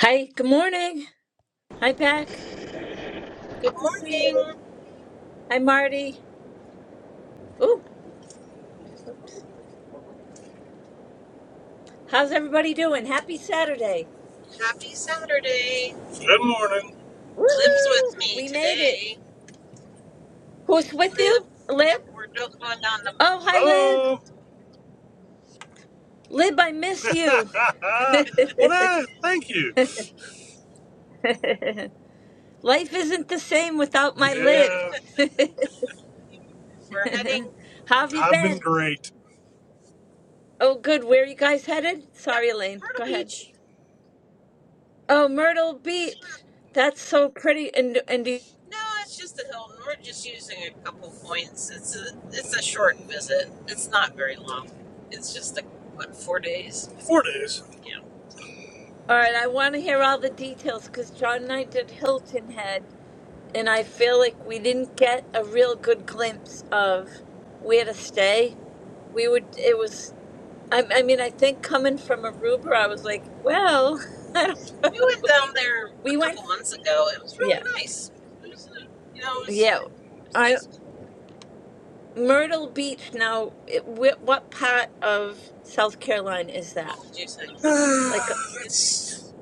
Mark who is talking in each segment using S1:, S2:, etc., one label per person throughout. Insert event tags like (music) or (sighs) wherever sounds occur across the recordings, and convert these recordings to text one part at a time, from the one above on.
S1: Hi, good morning. Hi, Pack. Good to see you. Hi, Marty. Ooh, oops. How's everybody doing? Happy Saturday.
S2: Good morning.
S1: Woo! We made it. Who's with you? Lib? Oh, hi, Lib.
S2: Hello.
S1: Lib, I miss
S2: (laughs)
S1: you. (laughs)
S2: well, that, thank you.
S1: Life isn't the same without my Lib.
S2: Yeah,
S1: (laughs) How have you
S2: I've been
S1: been?
S2: great.
S1: Oh, good. Where are you guys headed? Sorry, Elaine. Go ahead. Oh, Myrtle Beach. That's so pretty. And and do
S2: Four days.
S1: All right, I want to hear all the details because John and I did Hilton Head, and I feel like we didn't get a real good glimpse of where to stay. We would, it was, I, I mean, I think coming from Aruba, I was like, well, (laughs) I don't, we went, (laughs) yeah, yeah. I Myrtle Beach. Now, it, wh- what part of South Carolina is that?
S2: (sighs)
S1: Like,
S2: That's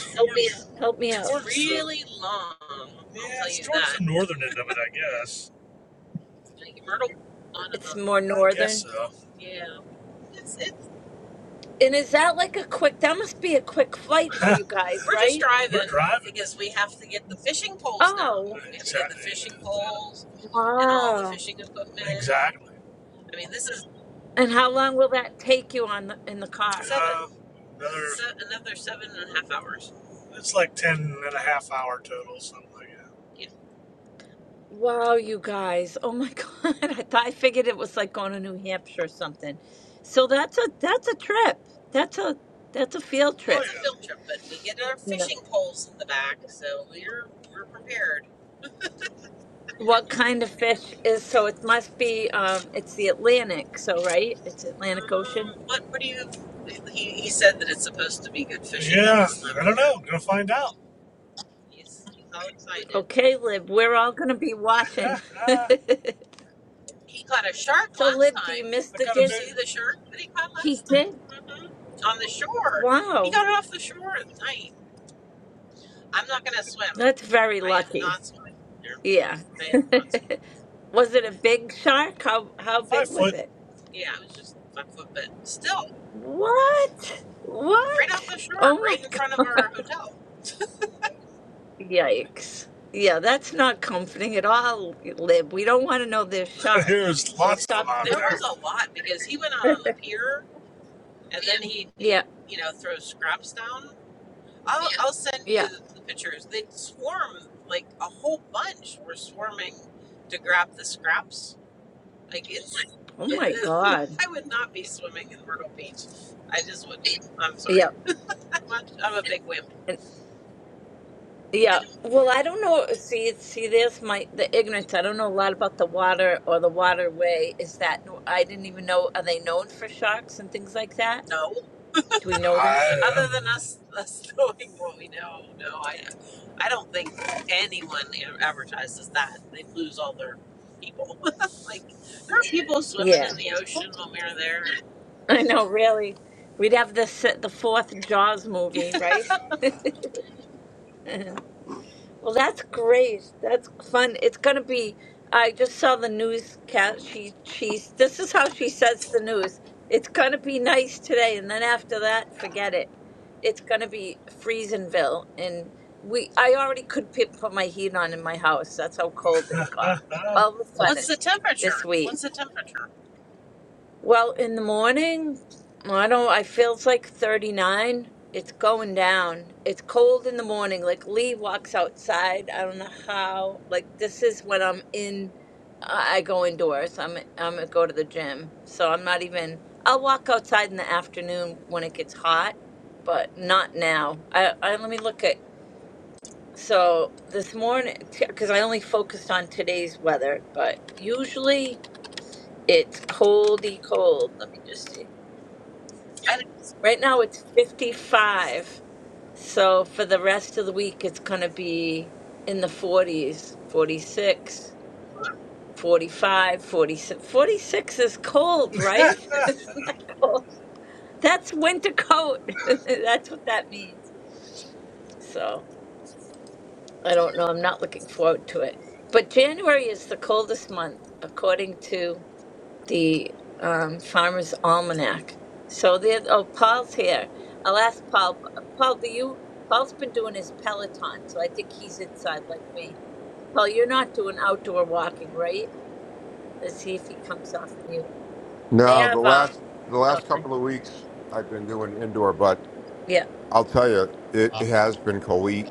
S2: towards,
S1: help me out.
S2: towards really the, long. I'll Yeah, it's towards that. the northern end of it, I guess.
S1: It's more
S2: (laughs) I guess
S1: northern.
S2: so.
S1: And is that like a quick, that must be a quick flight for
S2: (laughs)
S1: you guys,
S2: We're just
S1: right?
S2: driving. We're driving because we have to get the fishing poles now. We
S1: Oh,
S2: have exactly. to get the Exactly. fishing poles and all the
S1: wow.
S2: fishing equipment. Exactly.
S1: And how long will that take you on the, in the car?
S2: it's like 10 and a half hour total, something like that.
S1: Wow, you guys. Oh my (laughs) God. I thought I figured it was like going to New Hampshire or something. So that's a that's a trip. That's a that's a field trip.
S2: yeah.
S1: You know. What kind of fish is so it must be um it's the Atlantic, so right? It's Atlantic Ocean.
S2: don't know. Gonna find out.
S1: Okay, Lib, we're all gonna be
S2: (laughs)
S1: watching. (laughs)
S2: I
S1: So Lib, do you miss the
S2: got
S1: Dis? He did. Wow. That's very lucky. Yeah. (laughs) Was it a big shark? How how
S2: five
S1: big was
S2: foot.
S1: it? What? What? Oh my (laughs) God. Yikes. Yeah, that's not comforting at all, Lib. We don't want to know there's
S2: (laughs)
S1: sharks.
S2: There's
S1: So
S2: lots of them
S1: stop.
S2: out
S1: Yeah, yeah. Oh my God. Yeah. and- Yeah. Well, I don't know. See, see, there's my the ignorance. I don't know a lot about the water or the waterway. Is that I didn't even know. Are they known for sharks and things like that? Do we know that?
S2: I, (laughs)
S1: Yeah. (laughs) I know, really. We'd have the s- the fourth Jaws movie, right? (laughs) well, that's great. That's fun. It's gonna be. I just saw the newscast. She she's. This is how she says the news. It's gonna be nice today, and then after that, forget it. It's gonna be Freezenville, and we. I already could pi- put my heat on in my house. That's how cold it got.
S2: (laughs)
S1: All of a sudden, this week. Well, in the morning, I don't, I feel it's like 39. It's going down. It's cold in the morning. Like Lee walks outside. I don't know how. Like this is when I'm in, I I go indoors. I'm I'm gonna go to the gym. So I'm not even, I'll walk outside in the afternoon when it gets hot, but not now. I, I let me look at, so this morning, because I only focused on today's weather, but usually it's coldy cold. Let me just see. Right now it's 55. So for the rest of the week, it's going to be in the 40s, 46, 45, 46 forty-six is cold, right? (laughs) Isn't that cold? That's winter coat. (laughs) That's what that means. So I don't know. I'm not looking forward to it. But January is the coldest month, according to the um, Farmer's Almanac. So there. Oh, Paul's here. I'll ask Paul. Paul, do you? Paul's been doing his Peloton, so I think he's inside like me. Paul, you're not doing outdoor walking, right? Let's see if he comes off mute. They
S3: No, the
S1: have. Uh,
S3: last the last
S1: okay.
S3: couple of weeks I've been doing indoor, but
S1: Yeah.
S3: I'll tell you, it has been cold. We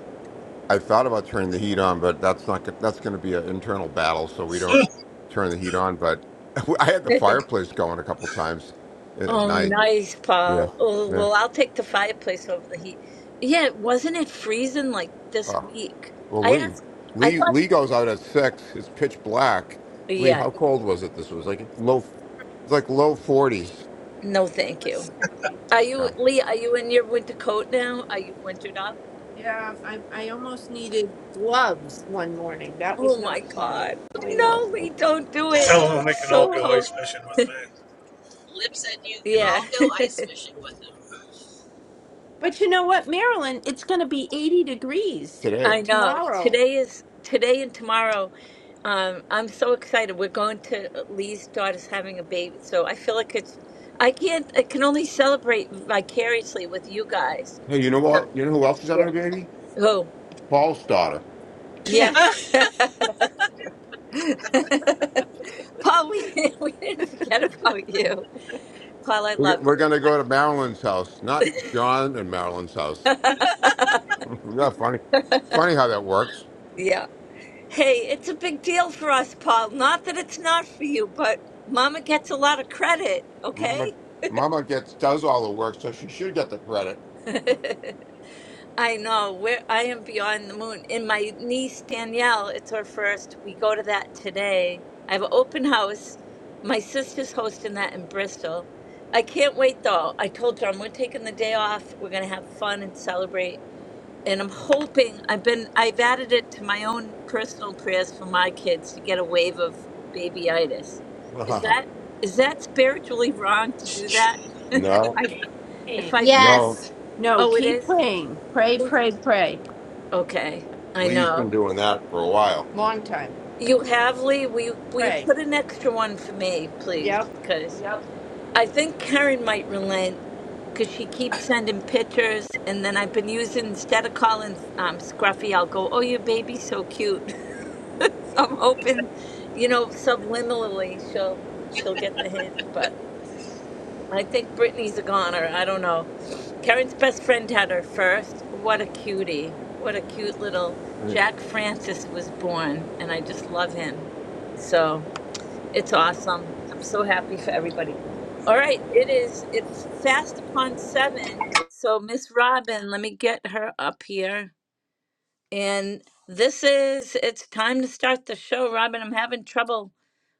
S3: I thought about turning the heat on, but that's not gon- that's going to be an internal battle, so we
S2: He
S3: don't turn the heat on. But (laughs) I had the
S1: (laughs)
S3: fireplace going a couple times at
S1: oh,
S3: night.
S1: nice,
S3: Yeah,
S1: Paul. Oh,
S3: yeah.
S1: well, I'll take the fireplace over the heat. Yeah, wasn't it freezing like this
S3: Oh,
S1: week?
S3: well,
S1: I
S3: Lee,
S1: asked. I
S3: Lee,
S1: thought.
S3: Lee goes out at six. It's pitch black. Lee,
S1: Yeah.
S3: how cold was it? This was like low, it's like low forties.
S1: No, thank you. Are you,
S3: Yeah.
S1: Lee, are you in your winter coat now? Are you wintered up?
S3: Yeah, I I almost needed gloves one morning. That was
S1: Oh
S3: not
S1: my
S3: fun.
S1: God.
S3: I Yeah. know.
S1: No,
S3: Yeah.
S1: Lee,
S3: okay,
S1: don't do it.
S2: Tell them they
S1: It's
S2: can
S3: (gasps)
S2: all
S1: so
S3: Huh.
S2: go
S1: cold.
S2: ice fishing with me.
S3: Yeah.
S1: Yeah,
S3: But you know what, Marilyn? it's going to be 80 degrees
S1: (laughs)
S3: Today.
S1: I know.
S3: tomorrow. (laughs)
S1: Today is today and tomorrow. Um, I'm so excited. We're going to uh, Lee's daughter's having a baby, so I feel like it's I can't I can only celebrate vicariously with you guys.
S3: Hey, you know
S1: So,
S3: what? You know who else is having
S1: yeah.
S3: a baby?
S1: Oh,
S3: Paul's daughter. (laughs) We're,
S1: yeah. (laughs) Paul, we, (laughs) we didn't forget about you. Paul, I love
S3: we're
S1: you.
S3: going to go to Marilyn's house, not John and Marilyn's house.
S1: (laughs)
S3: (laughs) yeah, funny. Funny how that works.
S1: Yeah. Hey, it's a big deal for us, Paul. Not that it's not for you, but Mama gets a lot of credit,
S3: Mama,
S1: okay?
S3: Mama gets does all the work, so she should get the credit.
S1: (laughs) I know. We're, I am beyond the moon. And my niece, Danielle, it's her first. We go to that today. I have an open house. My sister's hosting that in Bristol. I can't wait, though. I told John we're taking the day off. We're going to have fun and celebrate and I'm hoping I've been I've added it to my own personal prayers for my kids to get a wave of babyitis. Is that is that spiritually wrong to do that?
S3: (laughs)
S1: (laughs) if
S3: no,
S1: I if
S3: praying.
S1: I pray,
S3: No,
S4: Yes.
S3: No,
S1: oh, it
S3: keep
S1: is.
S3: praying. Pray, pray, pray.
S1: Okay, I
S3: Lee's been
S1: know.
S3: doing that for a while. Long time.
S1: You have Lee. Will you, will you
S3: Pray.
S1: put an extra one for me, please?
S3: Yep.
S1: Because
S3: Yep.
S1: I think Karen might relent because she keeps sending pictures, and then I've been using instead of calling um, Scruffy, I'll go, "Oh, your baby's so cute." (laughs) so I'm hoping, you know, subliminally she'll she'll get the hint. But I think Brittany's a goner. I don't know. Karen's best friend had her first. What a cutie! What a cute little Jack Francis was born, and I just love him. So it's awesome. I'm so happy for everybody. All right, it is. It's fast upon seven. So Miss Robin, let me get her up here. And this is, it's time to start the show, Robin. I'm having trouble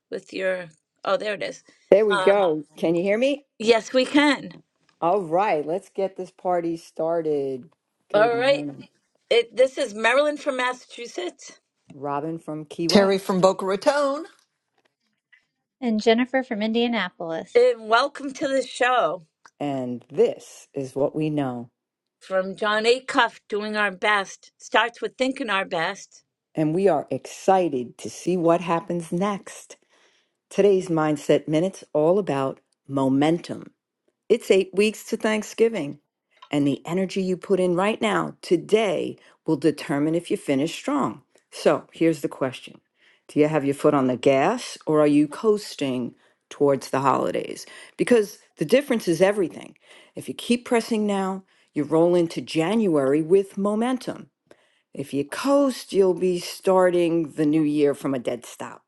S1: with your, oh, there it is.
S5: There we
S1: Um,
S5: go. Can you hear me?
S1: yes, we can.
S5: All right, let's get this party started.
S1: All
S5: Good
S1: right.
S5: morning.
S1: It, this is Marilyn from Massachusetts.
S5: Robin from Key
S6: Terry from
S5: West,
S6: Boca Raton.
S4: And Jennifer from Indianapolis.
S1: And welcome to the show
S5: and this is what we know.
S1: from John Acuff, doing our best. Starts with thinking our best.
S5: And we are excited to see what happens next. Today's Mindset Minute's all about momentum. It's eight weeks to Thanksgiving. And the energy you put in right now, today, will determine if you finish strong. So here's the question Do you have your foot on the gas or are you coasting towards the holidays? Because the difference is everything. If you keep pressing now, you roll into January with momentum. If you coast, you'll be starting the new year from a dead stop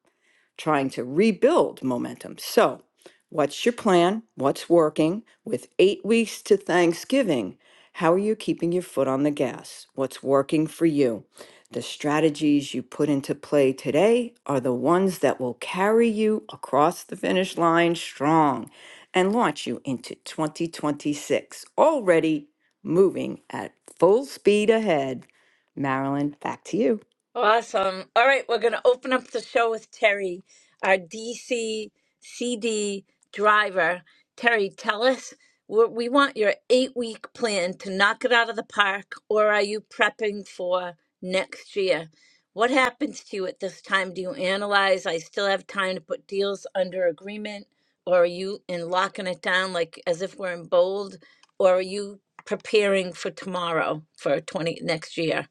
S5: trying to rebuild momentum. So, what's your plan? What's working? With eight weeks to Thanksgiving, how are you keeping your foot on the gas? What's working for you? The strategies you put into play today are the ones that will carry you across the finish line strong and launch you into 2026, already moving at full speed ahead. Marilyn, back to you.
S1: Awesome. All right, we're going to open up the show with Terry, our DC CD driver. Terry, tell us, we we want your eight week plan to knock it out of the park, or are you prepping for next year? What happens to you at this time? Do you analyze, I still have time to put deals under agreement, or are you in locking it down like as if we're in bold, or are you preparing for tomorrow for 20 next year?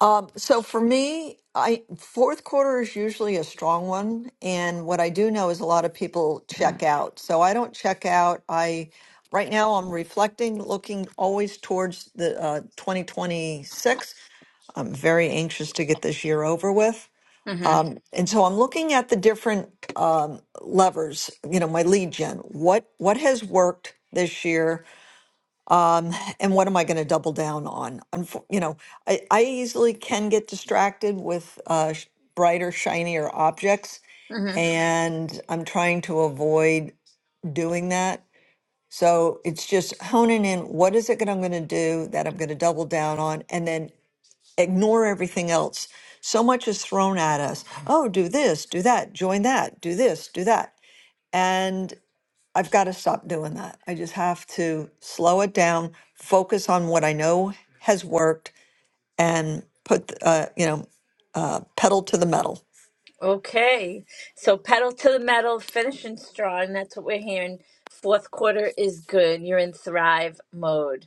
S6: Um, so for me, I fourth quarter is usually a strong one, and what I do know is a lot of people check out. So I don't check out. I right now I'm reflecting, looking always towards the uh, 2026. I'm very anxious to get this year over with,
S1: Mm-hmm.
S6: and so I'm looking at the different um, levers. You know, my lead gen. What what has worked this year? and what am I going to double down on? Unfor- You know, I, I easily can get distracted with uh, sh- brighter, shinier objects,
S1: mm-hmm.
S6: and I'm trying to avoid doing that. So it's just honing in what is it that I'm going to do that I'm going to double down on, and then ignore everything else. So much is thrown at us. Oh, do this, do that, join that, do this, do that. and. I've got to stop doing that. I just have to slow it down, focus on what I know has worked, and put, uh, you know, uh, pedal to the metal.
S1: Okay, so pedal to the metal, finishing strong. That's what we're hearing. Fourth quarter is good. You're in thrive mode.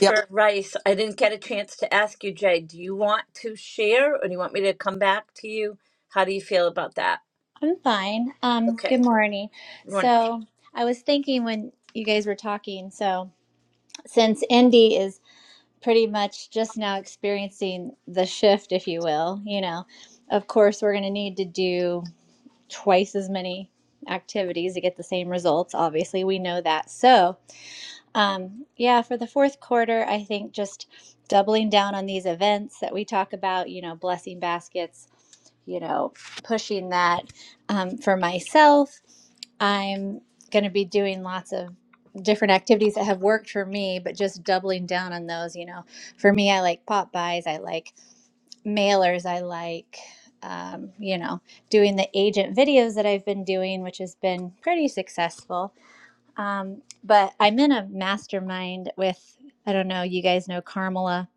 S6: Yep.
S1: Rice, I didn't get a chance to ask you, Jay. Do you want to share, or do you want me to come back to you? How do you feel about that?
S4: I'm fine. Um,
S1: Okay,
S4: good morning.
S1: you want
S4: So I was thinking when you guys were talking, so since Indy is pretty much just now experiencing the shift, if you will, you know, of course we're gonna need to do twice as many activities to get the same results. Obviously, we know that. So Um, yeah, for the fourth quarter, I think just doubling down on these events that we talk about, you know, blessing baskets, you know, pushing that. Um, for myself, I'm going to be doing lots of different activities that have worked for me, but just doubling down on those, you know. For me, I like pop buys, I like mailers, I like. Um, you know, doing the agent videos that I've been doing, which has been pretty successful um, but I'm in a mastermind with, I don't know, you guys know Carmela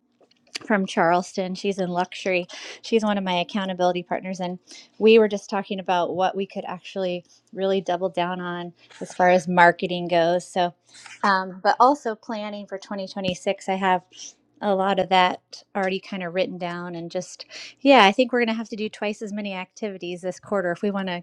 S4: from Charleston. She's in luxury. She's one of my accountability partners. And we were just talking about what we could actually really double down on as far as marketing goes. So, um, but also planning for 2026, I have a lot of that already kind of written down. And just, yeah, I think we're going to have to do twice as many activities this quarter if we want to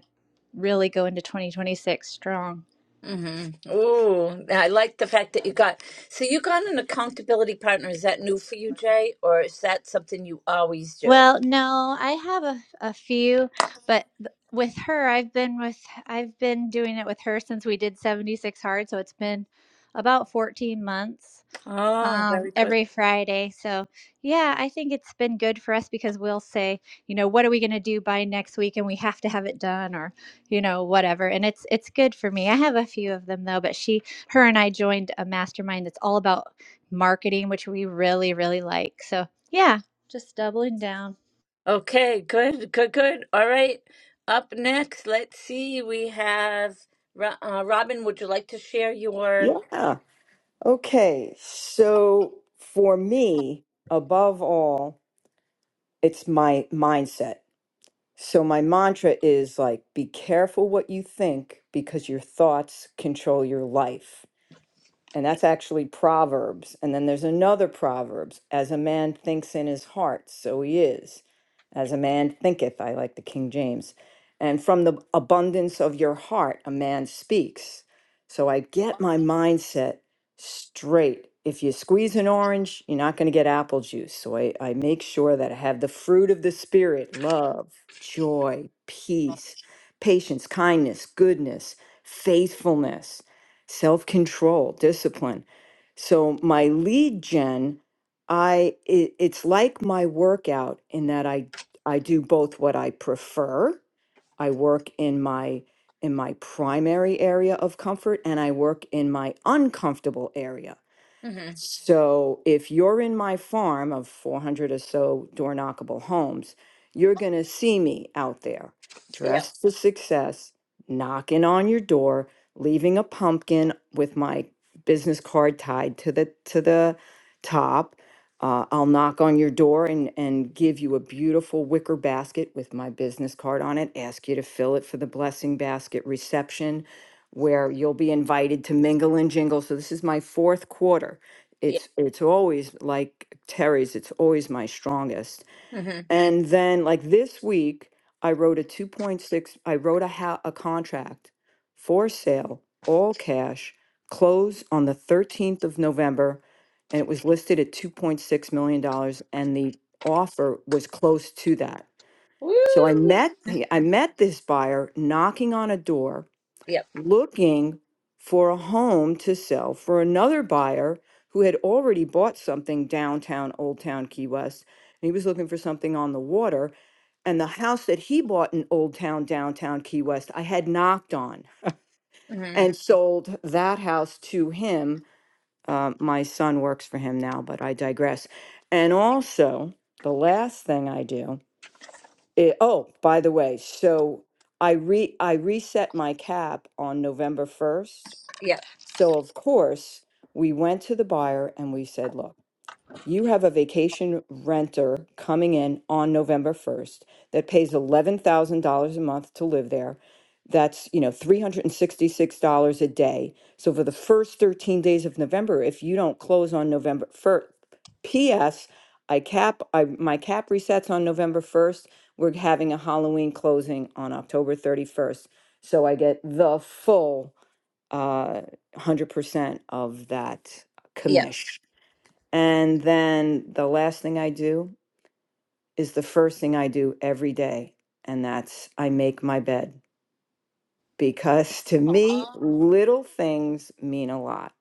S4: really go into 2026 strong.
S1: Mm-hmm. Ooh, I like the fact that you got. So you got an accountability partner. Is that new for you, Jay, or is that something you always do?
S4: Well, no, I have a, a few, but th- with her, I've been with I've been doing it with her since we did 76 hard, so it's been about 14 months
S1: Oh,
S4: um,
S1: very good.
S4: every Friday. So, yeah, I think it's been good for us because we'll say, you know, what are we going to do by next week and we have to have it done or, you know, whatever. And it's it's good for me. I have a few of them though, but she her and I joined a mastermind that's all about marketing, which we really really like. So, yeah, just doubling down.
S1: Okay, good, good, good. All right. Up next, let's see. We have Ro- uh, Robin. Would you like to share your?
S5: Yeah. Okay, so for me, above all, it's my mindset. So my mantra is like, be careful what you think because your thoughts control your life and that's actually Proverbs. And then there's another Proverbs, as a man thinks in his heart, so he is. As a man thinketh, I like the King James. And from the abundance of your heart, a man speaks. So I get my mindset straight. If you squeeze an orange, you're not going to get apple juice. So I, I make sure that I have the fruit of the Spirit love, joy, peace, patience, kindness, goodness, faithfulness self control, discipline. So my lead gen, I it, it's like my workout in that I I do both what I prefer. I work in my in my primary area of comfort and I work in my uncomfortable area
S1: Mm-hmm.
S5: so if you're in my farm of 400 or so door knockable homes, you're going to see me out there
S1: Yep.
S5: dressed for success, knocking on your door, leaving a pumpkin with my business card tied to the to the top. Uh, I'll knock on your door and, and give you a beautiful wicker basket with my business card on it, ask you to fill it for the blessing basket reception, where you'll be invited to mingle and jingle. So, this is my fourth quarter
S1: Yep.
S5: it's it's always like Terry's, it's always my strongest.
S1: Mm-hmm.
S5: And then like this week, I wrote a 2.6, I wrote a ha- a contract for sale, all cash, close on the 13th of November, and it was listed at 2.6 million dollars and the offer was close to that. So I
S1: Woo.
S5: met I met this buyer knocking on a door
S1: Yep.
S5: looking for a home to sell for another buyer who had already bought something downtown Old Town Key West. And he was looking for something on the water. And the house that he bought in Old Town, downtown Key West, I had knocked on
S1: Mm-hmm.
S5: and sold that house to him. Uh, my son works for him now, but I digress. And also, the last thing I do, i- oh, by the way, so I re I reset my cap on November 1st
S1: Yep.
S5: so, of course, we went to the buyer and we said, look, you have a vacation renter coming in on November 1st that pays $11,000 a month to live there. That's, you know, $366 a day. So for the first 13 days of November, if you don't close on November 1st, PS, I cap I my cap resets on November 1st. We're having a Halloween closing on October 31st. So I get the full uh, 100% of that
S1: Yep.
S5: commish. And then the last thing I do is the first thing I do every day, and that's I make my bed because (laughs) to me, little things mean a lot.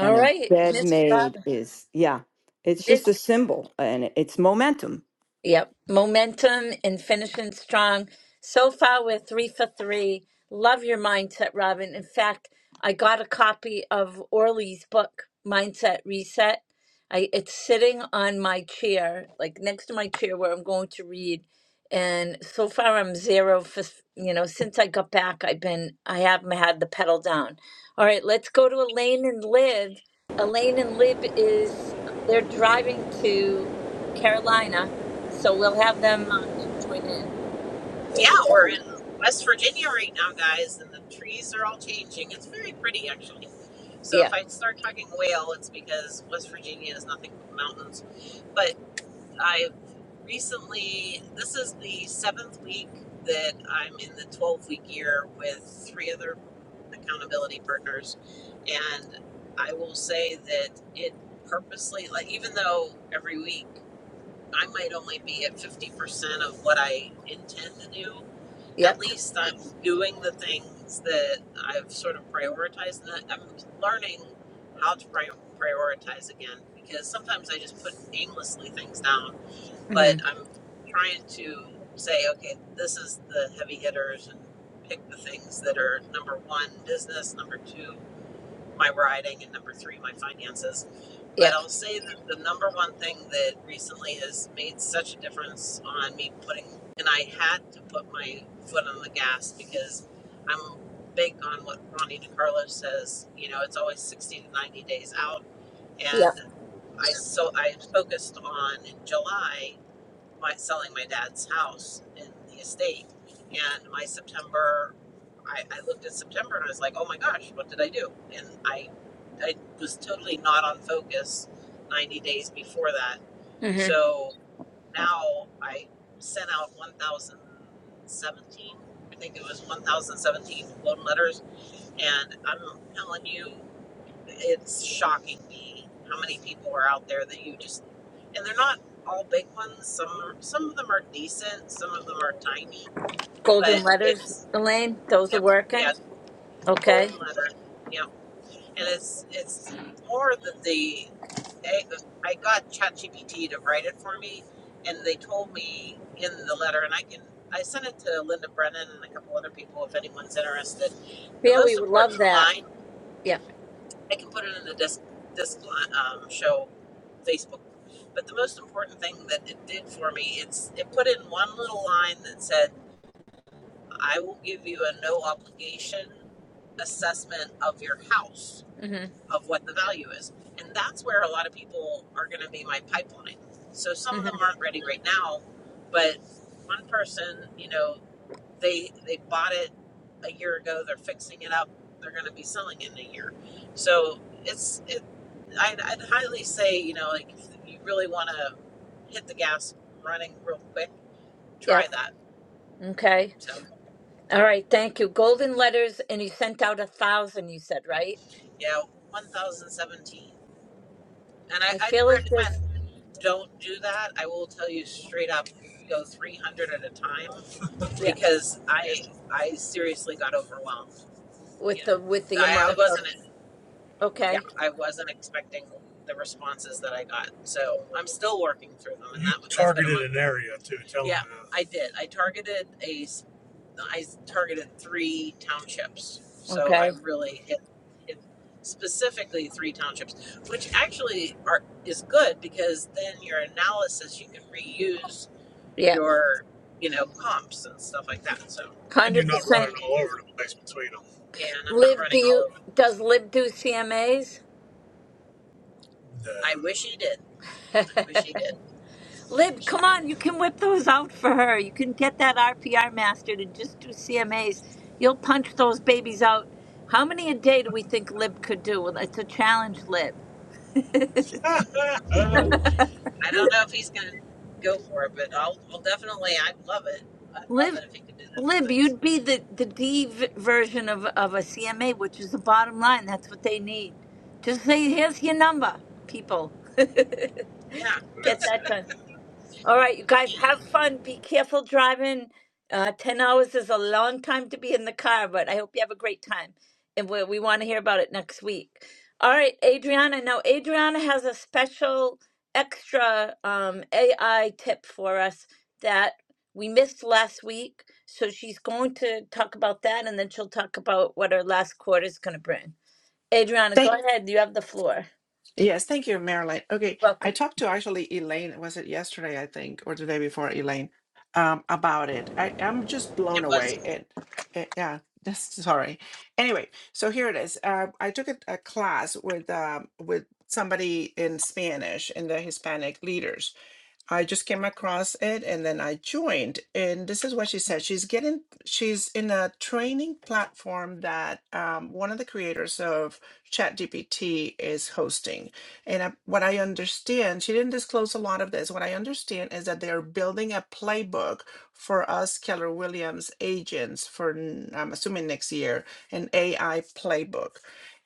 S5: And a
S1: right,
S5: bed
S1: Miss
S5: made
S1: Robin.
S5: is, yeah, it's just a symbol and it's momentum.
S1: Yep. Momentum and finishing strong. So far, we're three for three. Love your mindset, Robin. In fact, I got a copy of Orly's book, Mindset Reset. I, it's sitting on my chair, like next to my chair where I'm going to read. And so far, I'm zero for, you know, since I got back, I've been, I haven't had the pedal down. All right, let's go to Elaine and Lib. Elaine and Lib is, they're driving to Carolina so we'll have them uh, join in. Is, yeah, yep, mm-hmm, yep, yep. Mm-hmm. Golden letters, Elaine, those are working. Okay. Yeah, we would love that. Yeah. Mm-hmm, mm-hmm, yep. Okay. All right. Thank you. Golden letters, and you sent out a thousand. You said right. I feel like this. Yeah. With the with the amount of. Okay.
S2: You targeted an area too. Tell them
S1: Okay. Yep.
S2: And you're
S1: Hundred
S2: not
S1: percent.
S2: running all over the place between them.
S1: Lib, do you does Lib do CMAs?
S2: No.
S1: (laughs) Lib, come on, you can whip those out for her. You can get that RPR mastered and just do CMAs. You'll punch those babies out. How many a day do we think Lib could do? Well, it's a challenge, Lib. Lib, Lib, you'd be the the D v- version of of a CMA, which is the bottom line. That's what they need. Just say, "Here's your number, people." (laughs) get
S2: (laughs) (laughs)
S1: that done. All right, you guys have fun. Be careful driving. Uh, 10 hours is a long time to be in the car, but I hope you have a great time. And we, we want to hear about it next week. All right, Adriana. Now, Adriana has a special extra um, AI tip for us that we missed last week. So she's going to talk about that and then she'll talk about what her last quarter is going to bring. Adriana, go
S7: Thank
S1: ahead. You have the floor.
S7: yes, thank you, Marilyn. Okay,
S1: Welcome.
S7: I talked to actually Elaine. Was it yesterday? I think, or the day before, Elaine, um, about it. I I'm just blown away. And and, yeah, (laughs) that's sorry. Anyway, so here it is. Uh, I took a, a class with um with somebody in Spanish and the Hispanic leaders, I just came across it and then I joined. And this is what she said. She's getting, she's in a training platform that um, one of the creators of ChatGPT is hosting. And I, what I understand, she didn't disclose a lot of this. What I understand is that they're building a playbook for us Keller Williams agents for, n- I'm assuming next year, an AI playbook.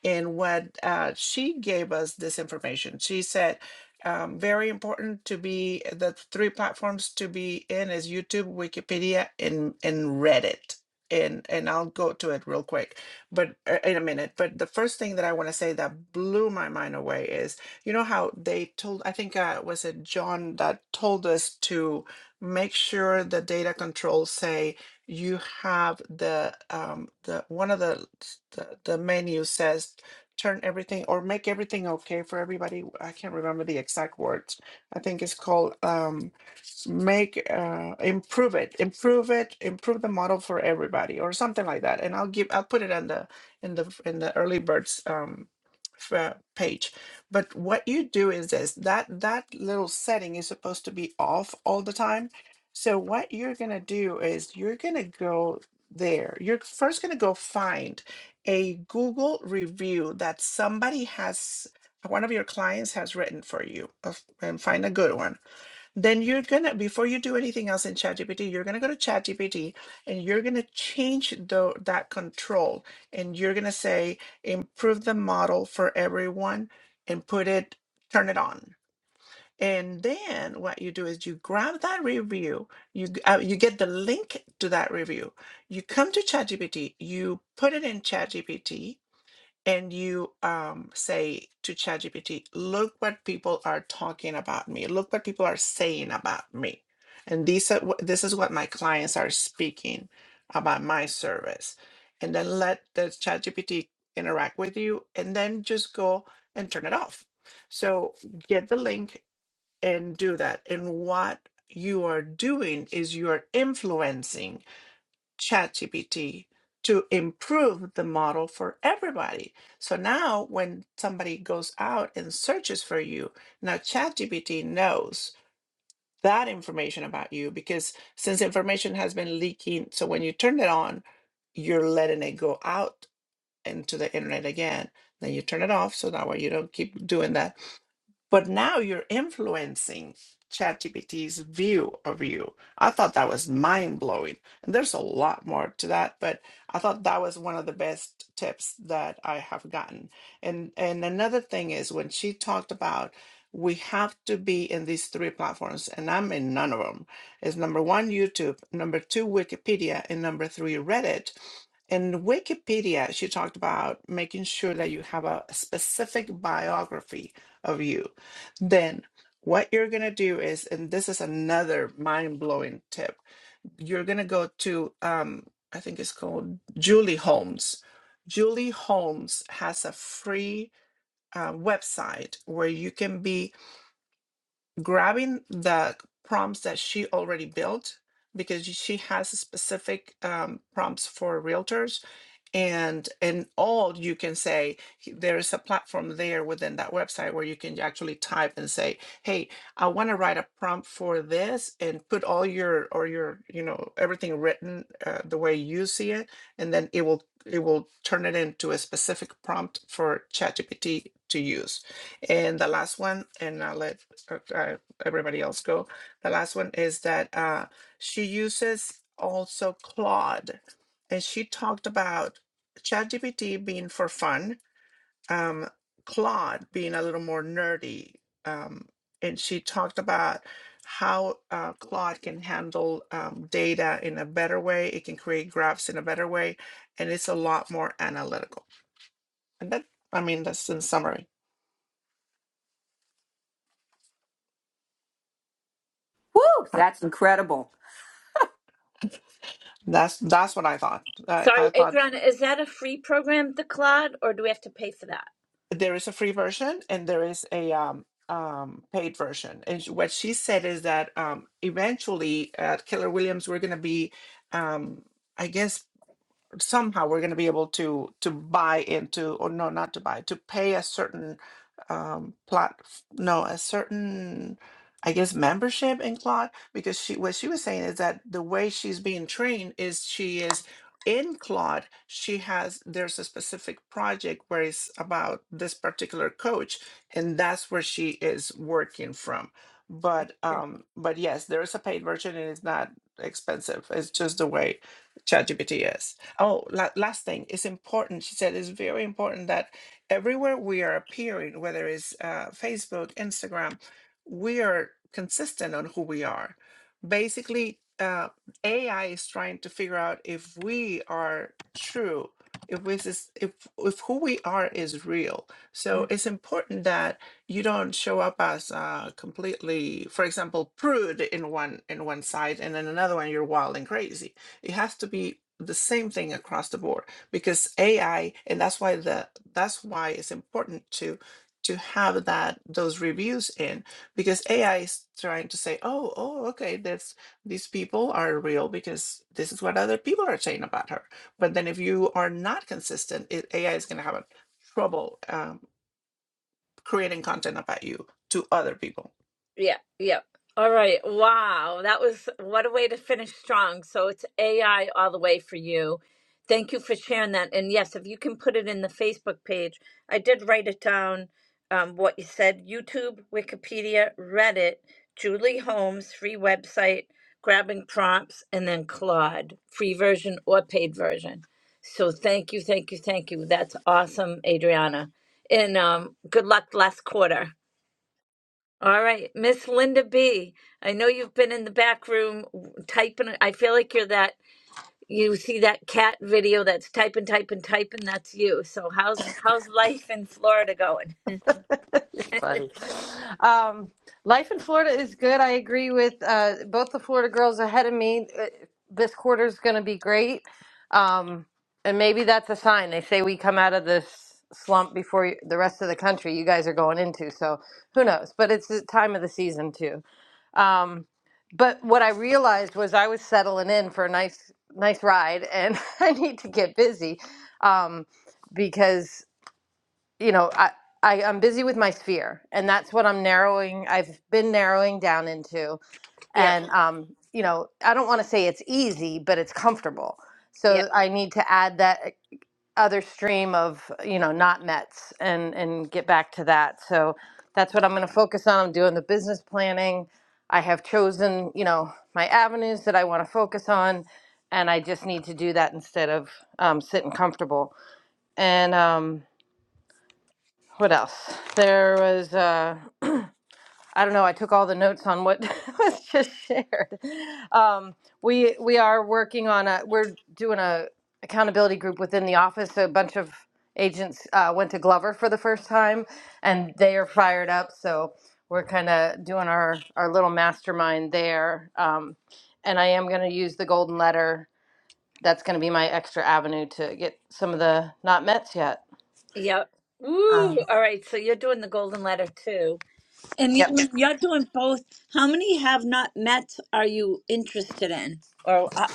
S7: And what uh, she gave us this information, she said, um, very important to be eh, the three platforms to be in is YouTube, Wikipedia, and and Reddit. And and I'll go to it real quick, but uh, in a minute. But the first thing that I want to say that blew my mind away is you know how they told I think uh, was it John that told us to make sure the data controls say you have the um the one of the the, the menu says turn everything or make everything okay for everybody. I can't remember the exact words. I think it's called um, make uh, improve it, improve it, improve the model for everybody, or something like that. And I'll give I'll put it in the in the in the early birds um, f- uh, page. But what you do is this that that little setting is supposed to be off all the time. So what you're gonna do is you're gonna go there. You're first gonna go find a Google review that somebody has, one of your clients has written for you, of- and find a good one. Then you're gonna, before you do anything else in ChatGPT, you're gonna go to ChatGPT and you're gonna change the, that control. And you're gonna say, improve the model for everyone and put it, turn it on. And then what you do is you grab that review, you g- uh, you get the link to that review. You come to ChatGPT, you put it in ChatGPT, and you um, say to ChatGPT, look what people are talking about me, look what people are saying about me. And these are, wh- this is what my clients are speaking about my service. And then let the ChatGPT interact with you and then just go and turn it off. So get the link and do that. And what you are doing is you are influencing ChatGPT to improve the model for everybody. So now when somebody goes out and searches for you, now ChatGPT knows that information about you because since information has been leaking, so when you turn it on, you're letting it go out into the internet again. Then you turn it off so that way you don't keep doing that but now you're influencing ChatGPT's view of you. I thought that was mind blowing. And there's a lot more to that, but I thought that was one of the best tips that I have gotten. And and another thing is when she talked about we have to be in these three platforms, and I'm in none of them. Is number one YouTube, number two Wikipedia, and number three Reddit. In Wikipedia, she talked about making sure that you have a specific biography of you then what you're gonna do is, and this is another mind-blowing tip, you're gonna go to um, I think it's called Julie Holmes. Julie Holmes has a free uh, website where you can be grabbing the prompts that she already built because she has specific um, prompts for realtors and and all you can say he- there is a platform there within that website where you can actually type and say hey i want to write a prompt for this and put all your or your you know everything written uh, the way you see it and then it will it will turn it into a specific prompt for ChatGPT to use and the last one and i'll let uh, uh, everybody else go the last one is that uh, she uses also claude and she talked about ChatGPT being for fun, um, Claude being a little more nerdy, um, and she talked about how uh, Claude can handle um, data in a better way. It can create graphs in a better way, and it's a lot more analytical. And that, I mean, that's in summary.
S5: Woo,
S7: Uh,
S5: that's incredible.
S7: That's that's what I thought. I,
S1: Sorry,
S7: I thought
S1: Adriana, is that a free program, the Cloud, or do we have to pay for that?
S7: there is a free version and there is a um, um, paid version. And sh- what she said is that um, eventually at Keller Williams, we're going to be, um, I guess, somehow we're going to be able to to buy into or no not to buy to pay a certain um plot no a certain i guess membership in Claude because she what she was saying is that the way she's being trained is she is in Claude she has there's a specific project where it's about this particular coach and that's where she is working from but
S1: Okay.
S7: um but yes there is a paid version and it's not expensive it's just the way ChatGPT is Oh, la- last thing, it's important. She said it's very important that everywhere we are appearing, whether it's uh, Facebook, Instagram, we are consistent on who we are. Basically, uh, AI is trying to figure out if we are true, if this is, if if who we are is real. So it's important that you don't show up as uh, completely, for example, prude in one in one side, and then another one you're wild and crazy it has to be the same thing across the board because AI, and that's why the that's why it's important to to have that those reviews in because AI is trying to say, oh, oh, okay, that's these people are real because this is what other people are saying about her. But then if you are not consistent, it, AI is going to have a trouble um, creating content about you to other people.
S1: Yeah, yeah. All right. Wow. That was what a way to finish strong. So it's AI all the way for you. Thank you for sharing that. And yes, if you can put it in the Facebook page, I did write it down um, what you said YouTube, Wikipedia, Reddit, Julie Holmes, free website, grabbing prompts, and then Claude, free version or paid version. So thank you, thank you, thank you. That's awesome, Adriana. And um, good luck last quarter. All right, Miss Linda B. I know you've been in the back room w- typing. I feel like you're that. You see that cat video that's typing, typing, typing. That's you. So how's how's life in Florida going?
S8: (laughs) You're
S1: (laughs)
S8: funny. Um, life in Florida is good. I agree with uh, both the Florida girls ahead of me. Uh, This quarter is going to be great. Um, and maybe that's a sign. They say we come out of this slump before you, the rest of the country you guys are going into. So who knows? But it's the time of the season, too. Um, but what I realized was I was settling in for a nice, nice ride, and (laughs) I need to get busy. Um, because you know, I, I I'm busy with my sphere, and that's what I'm narrowing. I've been narrowing down into,
S1: Yep,
S8: and um, you know, I don't want to say it's easy, but it's comfortable.
S1: yep,
S8: So I need to add that eh, other stream of you know not Mets and and get back to that. So that's what I'm going to focus on. I'm doing the business planning. I have chosen you know my avenues that I want to focus on, and I just need to do that instead of um, sitting comfortable. And um, what else? There was, uh, I don't know, I took all the notes on what (laughs) was just shared. Um, we, we are working on a, we're doing a accountability group within the office. A bunch of agents uh, went to Glover for the first time and they are fired up. So we're kind of doing our, our little mastermind there. Um, and I am going to use the golden letter. That's going to be my extra avenue to get some of the not mets yet.
S1: yep.
S8: Um,
S1: Woo! All right, so you're doing the golden letter too, and
S8: yep.
S1: you, you're doing both. How many have not met? Are you interested in, or uh,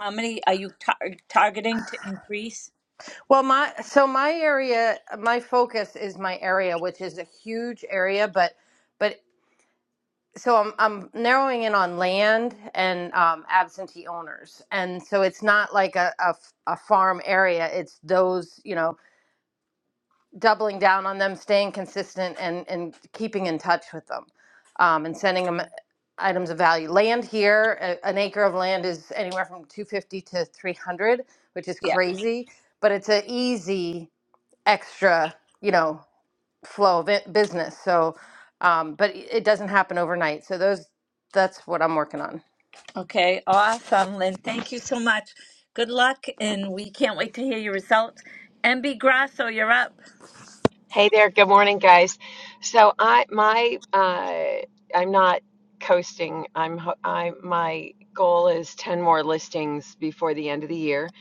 S1: how many are you tar- targeting to increase?
S8: Well, my so my area, my focus is my area, which is a huge area, but but so I'm I'm narrowing in on land and um, absentee owners, and so it's not like a, a f- a farm area. It's those you know doubling down on them, staying consistent, and and keeping in touch with them, um, and sending them items of value. Land here, a, an acre of land is anywhere from two fifty to three hundred, which is crazy, but it's a easy extra, you know, flow of it, business. So, um, but it it doesn't happen overnight. So those, that's what I'm working on.
S1: Okay, awesome, Lynn. Thank you so much. Good luck, and we can't wait to hear your results. MB Grasso, you're up.
S9: Hey there, good morning, guys. So I my uh I'm not coasting. I'm ho- I my goal is 10 more listings before the end of the year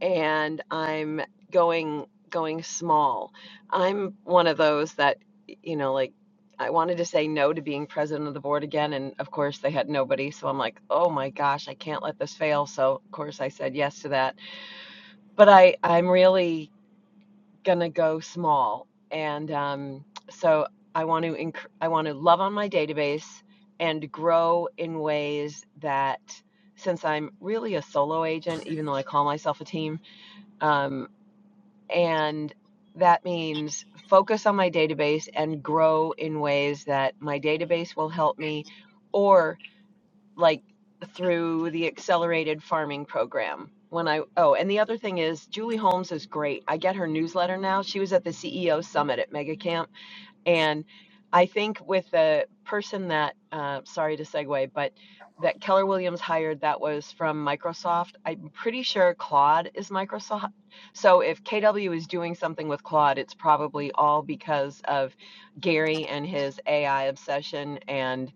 S9: and I'm going going small. I'm one of those that you know like I wanted to say no to being president of the board again and of course they had nobody so I'm like, "Oh my gosh, I can't let this fail." So of course I said yes to that. But I I'm really gonna go small and um, so i want to inc- i want to love on my database and grow in ways that since i'm really a solo agent even though i call myself a team um, and that means focus on my database and grow in ways that my database will help me or like through the accelerated farming program when i oh and the other thing is julie holmes is great i get her newsletter now she was at the ceo summit at megacamp and i think with the person that uh, sorry to segue but that keller williams hired that was from microsoft i'm pretty sure claude is microsoft so if kw is doing something with claude it's probably all because of gary and his ai obsession and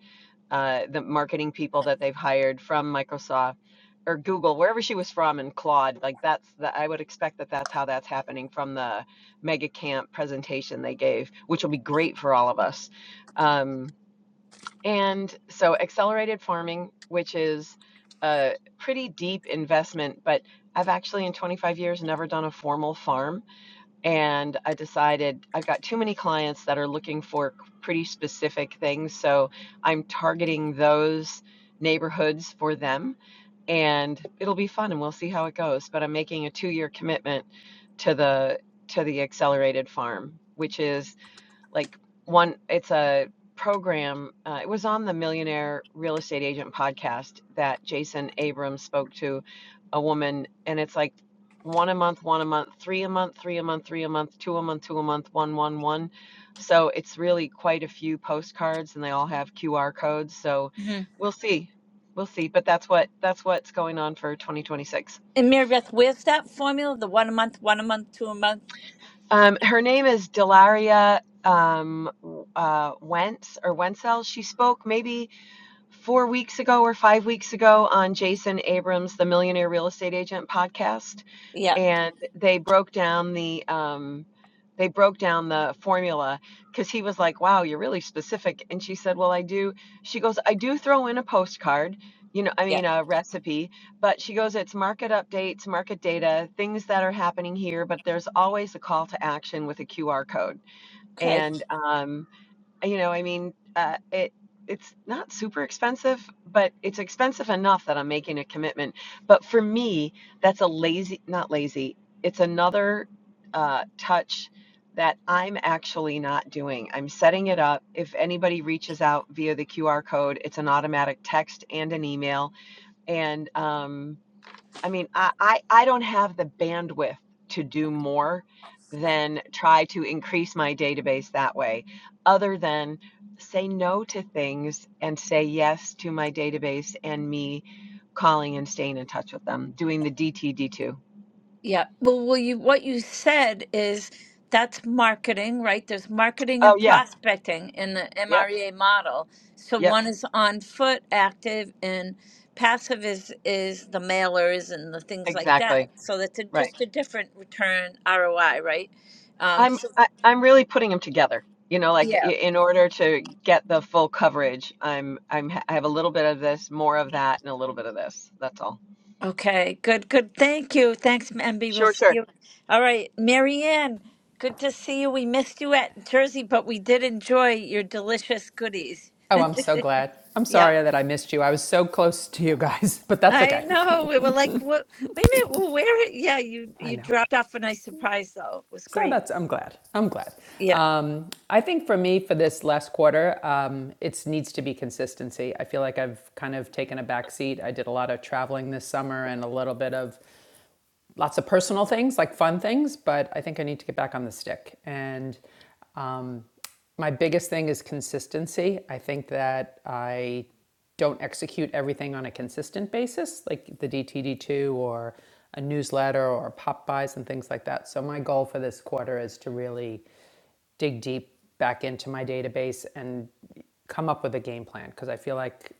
S9: uh, the marketing people that they've hired from Microsoft or Google, wherever she was from, and Claude. Like that's the, I would expect that that's how that's happening from the mega camp presentation they gave, which will be great for all of us. Um, and so accelerated farming, which is a pretty deep investment, but I've actually in 25 years never done a formal farm and I decided I've got too many clients that are looking for pretty specific things. So I'm targeting those neighborhoods for them, and it'll be fun, and we'll see how it goes. But I'm making a two-year commitment to the to the accelerated farm, which is like one it's a program uh, it was on the millionaire real estate agent podcast that jason abrams spoke to a woman and it's like one a month one a month three a month three a month three a month two a month two a month one one one so it's really quite a few postcards and they all have qr codes so
S1: Mhm.
S9: we'll see we'll see but that's what that's what's going on for 2026
S1: And Mary Beth, where's that formula? The one a month, one a month, two a month?
S9: um, her name is delaria um, uh, wentz or wenzel she spoke maybe four weeks ago or five weeks ago on Jason Abrams, the Millionaire Real Estate Agent podcast,
S1: Yeah,
S9: and they broke down the um, they broke down the formula because he was like, "Wow, you're really specific." And she said, "Well, I do." She goes, "I do throw in a postcard." You know, I
S1: yeah.
S9: mean, a recipe, but she goes, it's market updates, market data, things that are happening here, but there's always a call to action with a QR code.
S1: Okay.
S9: And, um, you know i mean uh, it it's not super expensive but it's expensive enough that i'm making a commitment but for me that's a lazy not lazy it's another uh, touch that i'm actually not doing i'm setting it up if anybody reaches out via the qr code it's an automatic text and an email and um, I mean, I, I, I don't have the bandwidth to do more than try to increase my database that way, other than say no to things and say yes to my database and me calling and staying in touch with them, doing the DTD2.
S1: Yeah. Well, will you what you said is that's marketing, right? There's marketing
S9: Oh,
S1: and
S9: yeah.
S1: prospecting in the
S9: Yep.
S1: MREA model. So
S9: Yep.
S1: one is on foot, active, and passive is is the mailers and the things like
S9: Exactly.
S1: that. So that's a,
S9: Right.
S1: just a different return ROI, right? Um,
S9: I'm,
S1: so
S9: I, I'm really putting them together. You know, like i-
S1: yeah.
S9: in order to get the full coverage, I'm, I'm, I have a little bit of this, more of that, and a little bit of this. That's all.
S1: Okay. Good. Good. Thank you. Thanks, MB. We'll
S9: Sure,
S1: see
S9: sure.
S1: you. All right, Marianne. Good to see you. We missed you at Jersey, but we did enjoy your delicious goodies.
S10: Oh, I'm so glad. I'm
S1: Yep.
S10: sorry that I missed you. I was so close to you guys, (laughs) but that's
S1: I
S10: okay.
S1: know. We were like, what? Wait a minute. Well, where? it- Yeah, you
S10: I
S1: you
S10: know.
S1: dropped off a nice surprise, though. It was
S10: So
S1: great.
S10: that's, I'm glad. I'm glad.
S1: Yeah,
S10: Um, I think for me, for this last quarter, um, it needs to be consistency. I feel like I've kind of taken a back seat. I did a lot of traveling this summer and a little bit of lots of personal things, like fun things, but I think I need to get back on the stick. And um, my biggest thing is consistency. I think that I don't execute everything on a consistent basis, like the DTD2 or a newsletter or pop buys and things like that. So my goal for this quarter is to really dig deep back into my database and come up with a game plan because I feel like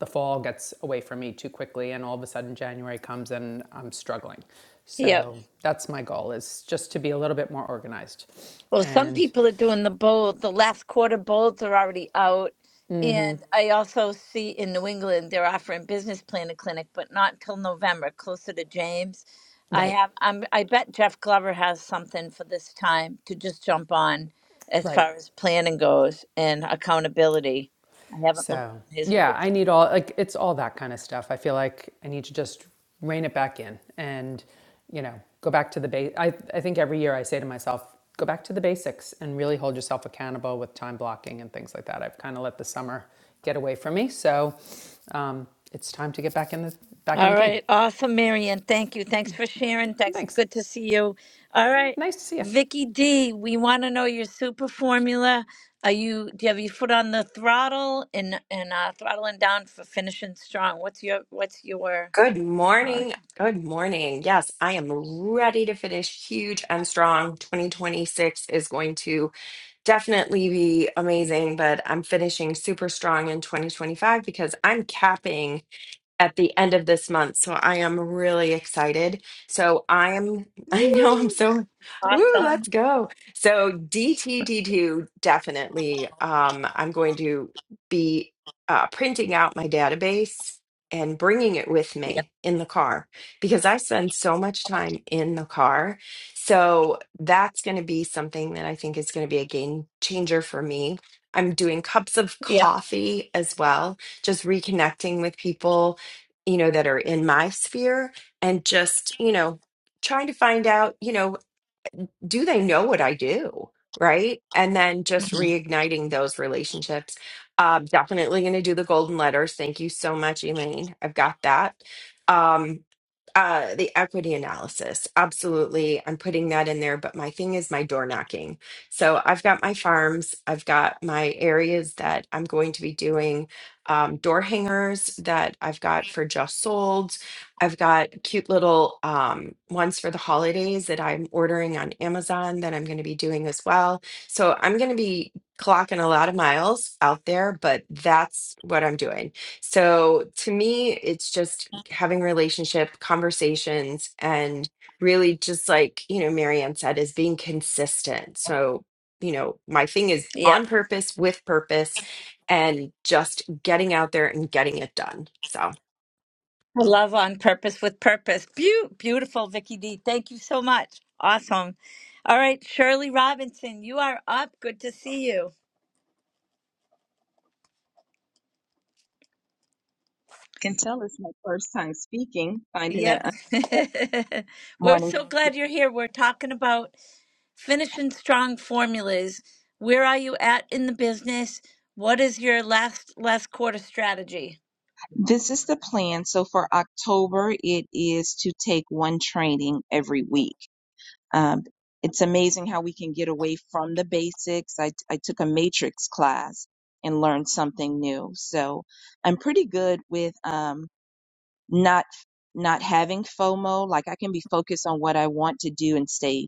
S10: the fall gets away from me too quickly and all of a sudden January comes and I'm struggling.
S1: yeah.
S10: So that's my goal is just to be a little bit more organized.
S1: Well, some
S10: And
S1: people are doing the bold. The last quarter bolds are already out, and I also see in New England they're offering business planner clinic, but not until November, closer to James. I
S10: right,
S1: have. I'm. I bet Jeff Glover has something for this time to just jump on, as
S10: right.
S1: far as planning goes and accountability. I haven't looked on
S10: So,
S1: his
S10: yeah,
S1: portal.
S10: I need all, like, it's all that kind of stuff. I feel like I need to just rein it back in and, you know, go back to the base. I, I think every year I say to myself, go back to the basics and really hold yourself accountable with time blocking and things like that. I've kind of let the summer get away from me. So, um, it's time to get back in the, back in
S1: All
S10: the game.
S1: right. Awesome, Marian. Thank you. Thanks for sharing. Thanks.
S10: Thanks.
S1: Good to see you. All right.
S10: Nice to see you.
S1: Vicky D, we want to know your super formula. Are you do you have your foot on the throttle and and uh throttling down for finishing strong? What's your what's your
S11: Good
S1: uh
S11: morning. Good morning. Yes, I am ready to finish huge and strong. 2026 is going to definitely be amazing, but I'm finishing super strong in 2025 because I'm capping at the end of this month. So I am really excited. So I am, (laughs) I know I'm
S1: Woo.
S11: so, woo,
S1: awesome.
S11: let's go. So DTD2, definitely. Um, I'm going to be uh, printing out my database and bringing it with
S1: Yep.
S11: me in the car because I spend so much time in the car. So that's going to be something that I think is going to be a game changer for me. I'm doing cups of
S1: Yep.
S11: coffee as well, just reconnecting with people you know, that are in my sphere and just, you know, trying to find out, you know, do they know what I do? Right. And then just
S1: Mhm.
S11: reigniting those relationships. Um, definitely going to do the golden letters. Thank you so much, Elaine. I've got that. Um, uh, the equity analysis. Absolutely. I'm putting that in there. But my thing is my door knocking. So I've got my farms, I've got my areas that I'm going to be doing um, door hangers that I've got for just sold I've got cute little um, ones for the holidays that I'm ordering on Amazon that I'm going to be doing as well. So I'm going to be clocking a lot of miles out there, but that's what I'm doing. So to me, it's just having relationship conversations and really just like, you know, Marianne said, is being consistent. So, you know, my thing is
S1: Yep.
S11: on purpose, with purpose, and just getting out there and getting it done. So.
S1: Love on purpose with purpose. Beau- beautiful, Vicky D. Thank you so much. Awesome. All right, Shirley Robinson, you are up. Good to see you.
S12: can tell it's my first time speaking, finding that
S1: Yep.
S12: un-
S1: (laughs) We're
S12: morning.
S1: so glad you're here. We're talking about finishing strong formulas. Where are you at in the business? What is your last last quarter strategy?
S12: This is the plan. So for October, it is to take one training every week. Um, it's amazing how we can get away from the basics. I, I took a matrix class and learned something new. So I'm pretty good with um, not not having FOMO. Like I can be focused on what I want to do and stay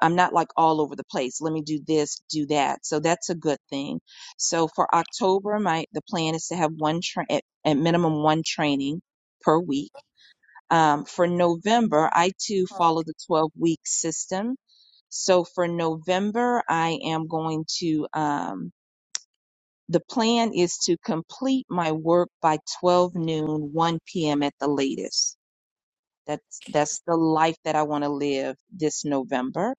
S12: I'm not like all over the place. Let me do this, do that. So that's a good thing. So for October, my the plan is to have one tra- at, at minimum one training per week. Um, for November, I too follow the 12 week system. So for November, I am going to um, the plan is to complete my work by 12 noon, 1 p.m. at the latest. That's that's the life that I want to live this November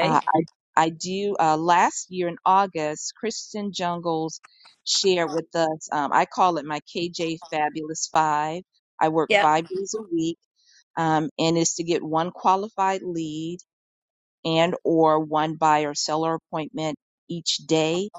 S12: uh, I, I do, uh, last year in August, Kristen Jungles shared with us, um, I call it my KJ Fabulous Five. I work
S1: Yep.
S12: five days a week, um, and is to get one qualified lead and or one buyer seller appointment each day,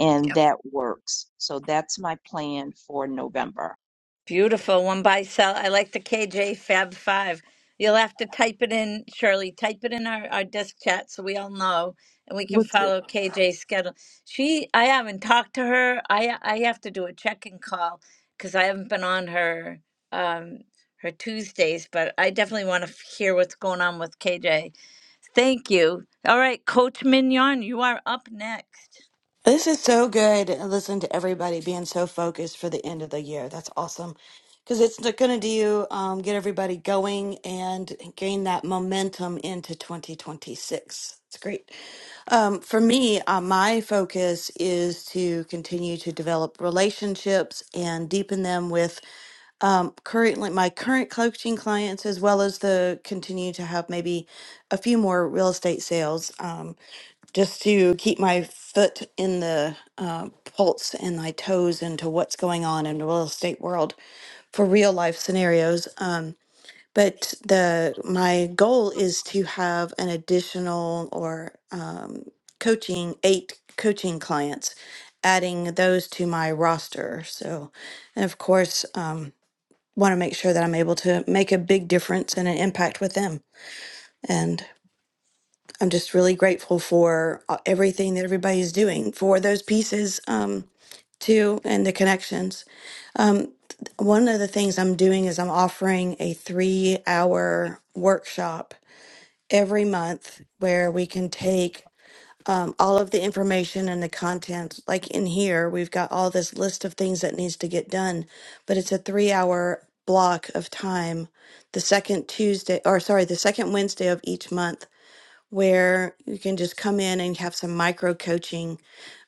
S12: and that works. So that's my plan for November.
S1: Beautiful one by cell. I like the KJ Fab Five. You'll have to type it in, Shirley. Type it in our, our disc chat so we all know and we can
S12: What's
S1: follow KJ's schedule. She, I haven't talked to her. I I have to do a check-in call because I haven't been on her um her Tuesdays, but I definitely want to hear what's going on with KJ. Thank you. All right, Coach Mignon, you are up next.
S13: This is so good. Listen to everybody being so focused for the end of the year. That's awesome. Because it's going to do um, get everybody going and gain that momentum into 2026. It's great. Um, for me, uh, my focus is to continue to develop relationships and deepen them with um, currently my current coaching clients, as well as the continue to have maybe a few more real estate sales. Um, just to keep my foot in the uh, pulse and my toes into what's going on in the real estate world for real life scenarios. Um, but the my goal is to have an additional or um, coaching eight coaching clients, adding those to my roster. So, and of course, um, want to make sure that I'm able to make a big difference and an impact with them. And I'm just really grateful for uh, everything that everybody's doing for those pieces um, too and the connections. One of the things I'm doing is I'm offering a three hour workshop every month where we can take um, all of the information and the content like in here we've got all this list of things that needs to get done but it's a three hour block of time the second tuesday or sorry the second wednesday of each month where you can just come in and have some micro coaching,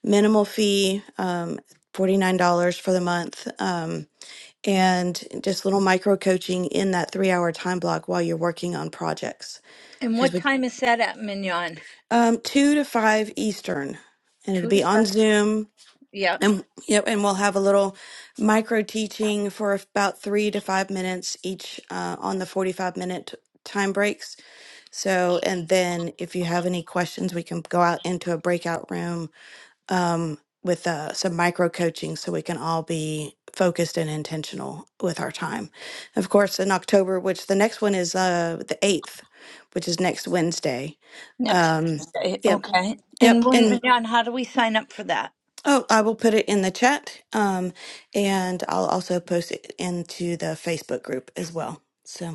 S13: minimal fee, um, $49 for the month, um, and just little micro coaching in that three hour time block while you're working on projects.
S1: And
S13: Because
S1: what
S13: we,
S1: time is that at Mignon?
S13: um, two to five Eastern, and it'll
S1: Two to
S13: be on
S1: five.
S13: Zoom.
S1: Yeah.
S13: And yep, and we'll have a little micro teaching for about three to five minutes each uh, on the 45 minute time breaks so, and then if you have any questions, we can go out into a breakout room um, with uh, some micro coaching so we can all be focused and intentional with our time. Of course, in October, which the next one is uh, the 8th, which is next Wednesday.
S1: Next
S13: Um,
S1: Thursday,
S13: yep.
S1: okay.
S13: Yep.
S1: And when
S13: And
S1: Mignon, how do we sign up for that?
S13: oh, I will put it in the chat um, and I'll also post it into the Facebook group as well. So.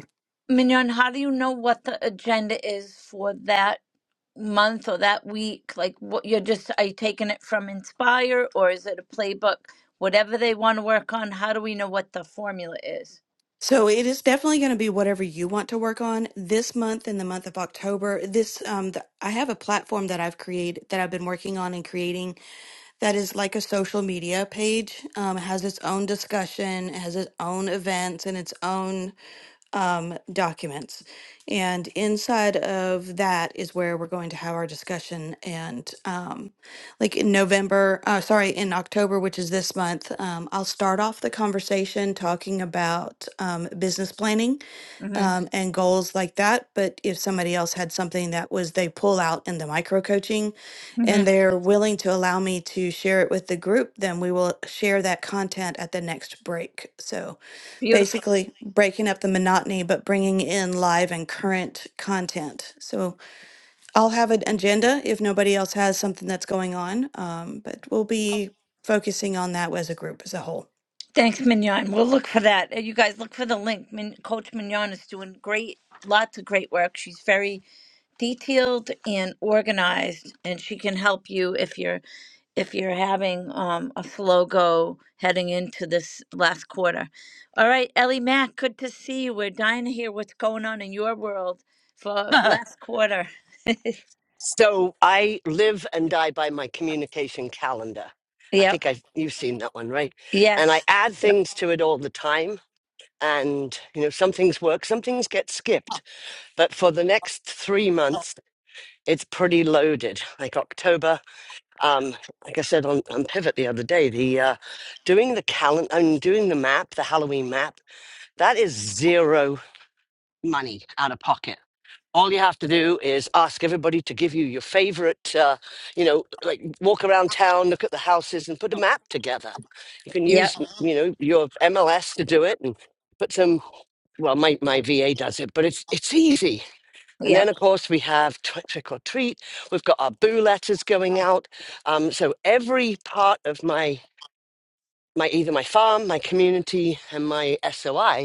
S1: Mignon, how do you know what the agenda is for that month or that week? Like, what you're just are you taking it from Inspire or is it a playbook? Whatever they want to work on, how do we know what the formula is?
S13: So it is definitely going to be whatever you want to work on this month in the month of October. This um th- I have a platform that I've created that I've been working on and creating that is like a social media page. Um it has its own discussion, it has its own events and its own documents. And inside of that is where we're going to have our discussion. And um, like in November, uh, sorry, in October, which is this month, um, I'll start off the conversation talking about um, business planning
S1: Mm-hmm.
S13: um, and goals like that. But if somebody else had something that was they pull out in the micro coaching and
S1: Mm-hmm.
S13: they're willing to allow me to share it with the group, then we will share that content at the next break. So
S1: Beautiful.
S13: basically breaking up the monotony but bringing in live and current content so i'll have an agenda if nobody else has something that's going on um, but we'll be focusing on that as a group as a whole
S1: Thanks, Mignon. We'll look for that. Uh, You guys look for the link. Min- Coach Mignon is doing great, lots of great work. She's very detailed and organized, and she can help you if you're if you're having um, a slow go heading into this last quarter. All right, Ellie Mack, good to see you. We're dying to hear what's going on in your world for
S14: (laughs)
S1: last quarter.
S14: so I live and die by my communication calendar. I
S1: Yep.
S14: think I you've seen that one, right? And I
S1: Yes.
S14: add
S1: Yep.
S14: things to it all the time. And you know, some things work, some things get skipped. But for the next three months, it's pretty loaded. Like October, um, like I said on, on Pivot the other day, the uh, doing the calendar, I mean, doing the map, the Halloween map, that is zero money out of pocket all you have to do is ask everybody to give you your favorite uh, you know like walk around town look at the houses and put a map together you can
S1: Yep.
S14: use you know your mls to do it and put some well my, my va does it but it's it's easy and then
S1: Yep.
S14: of course we have tw- trick or treat we've got our boo letters going out um, so every part of my my either my farm my community and my soi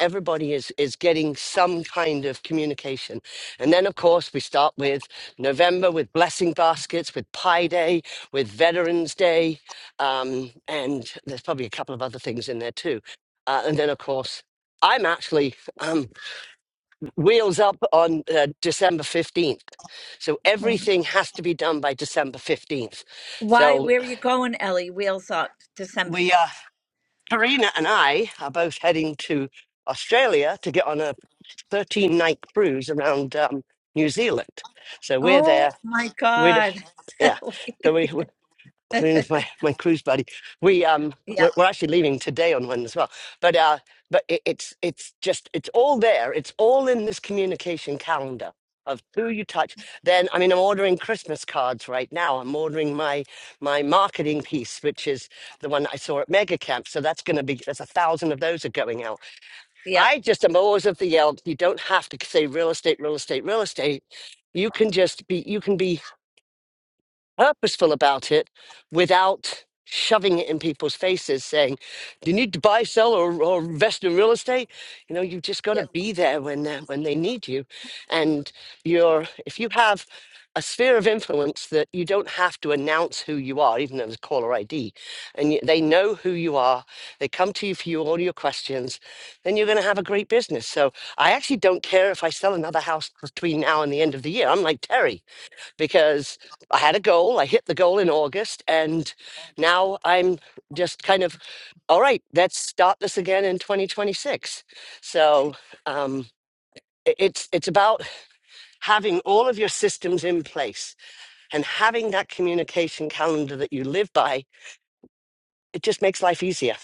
S14: everybody is is getting some kind of communication and then of course we start with november with blessing baskets with pie day with veterans day um, and there's probably a couple of other things in there too uh, and then of course i'm actually um, wheels up on uh, december 15th so
S1: Mhm.
S14: everything has to be done by december 15th
S1: Why?
S14: so
S1: Where are you going, Ellie? Wheels up, December
S14: we uh,
S1: fifth.
S14: karina and i are both heading to australia to get on a 13 night cruise around um, New Zealand. So we're
S1: Oh
S14: there.
S1: my
S14: we
S1: God.
S14: yeah.
S1: (laughs)
S14: So we, we with my my cruise buddy. We um we're,
S1: yep.
S14: we're actually leaving today on one as well. But uh but it, it's it's just it's all there. It's all in this communication calendar of who you touch. Then I mean I'm ordering Christmas cards right now. I'm ordering my my marketing piece, which is the one I saw at Mega Camp. So that's going to be there's a thousand of those are going out
S1: Yep.
S14: I just am always of the yell. You don't have to say real estate, real estate, real estate. You can just be. You can be purposeful about it without shoving it in people's faces saying you need to buy sell or, or invest in real estate you know you just got to
S1: Yep.
S14: be there when they when they need you and you're if you have a sphere of influence that you don't have to announce who you are even though there's caller id and you, they know who you are they come to you for you, all your questions then you're going to have a great business so i actually don't care if i sell another house between now and the end of the year i'm like terry because I had a goal. I hit the goal in August, and now I'm just kind of all right. Let's start this again in 2026. So um, i- it's it's about having all of your systems in place and having that communication calendar that you live by. It just makes life easier.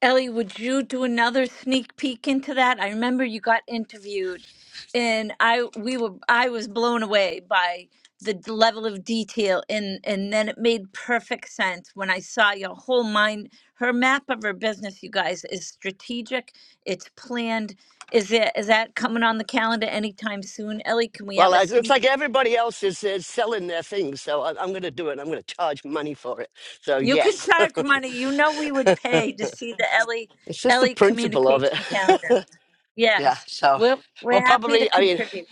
S1: Ellie, would you do another sneak peek into that? I remember you got interviewed, and I we were I was blown away by the d- level of detail, and and then it made perfect sense when I saw your whole mind. Her map of her business, you guys, is strategic. It's planned. Is it is that coming on the calendar anytime soon, Ellie? Can we
S14: Well,
S1: have a
S14: it looks
S1: sneak?
S14: like everybody else is, is selling their things, so I- I'm going to do it. I'm going to charge money for it. So
S1: You can
S14: yes,
S1: charge money. You know we would pay to see the Ellie
S14: (laughs) it's just the
S1: Ellie
S14: principle of it.
S1: communication calendar.
S14: (laughs) yeah.
S1: Yes,
S14: So
S1: we're
S14: well,
S1: we're happy to
S14: probably. I mean,
S1: contribute.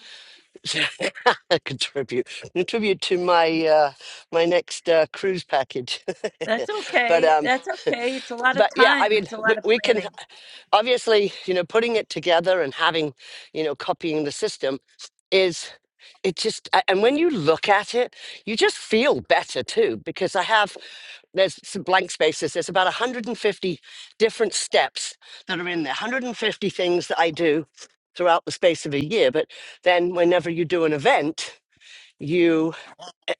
S14: (laughs) contribute contribute to my uh my next uh cruise package
S1: That's
S14: (laughs) but
S1: okay.
S14: um
S1: That's okay. It's a lot of
S14: but yeah i
S1: time.
S14: mean
S1: It's a
S14: we,
S1: lot of
S14: we can
S1: planning.
S14: obviously you know putting it together and having you know copying the system is it just a- and when you look at it you just feel better too because i have there's some blank spaces there's about 150 different steps that are in there 150 things that i do throughout the space of a year but then whenever you do an event you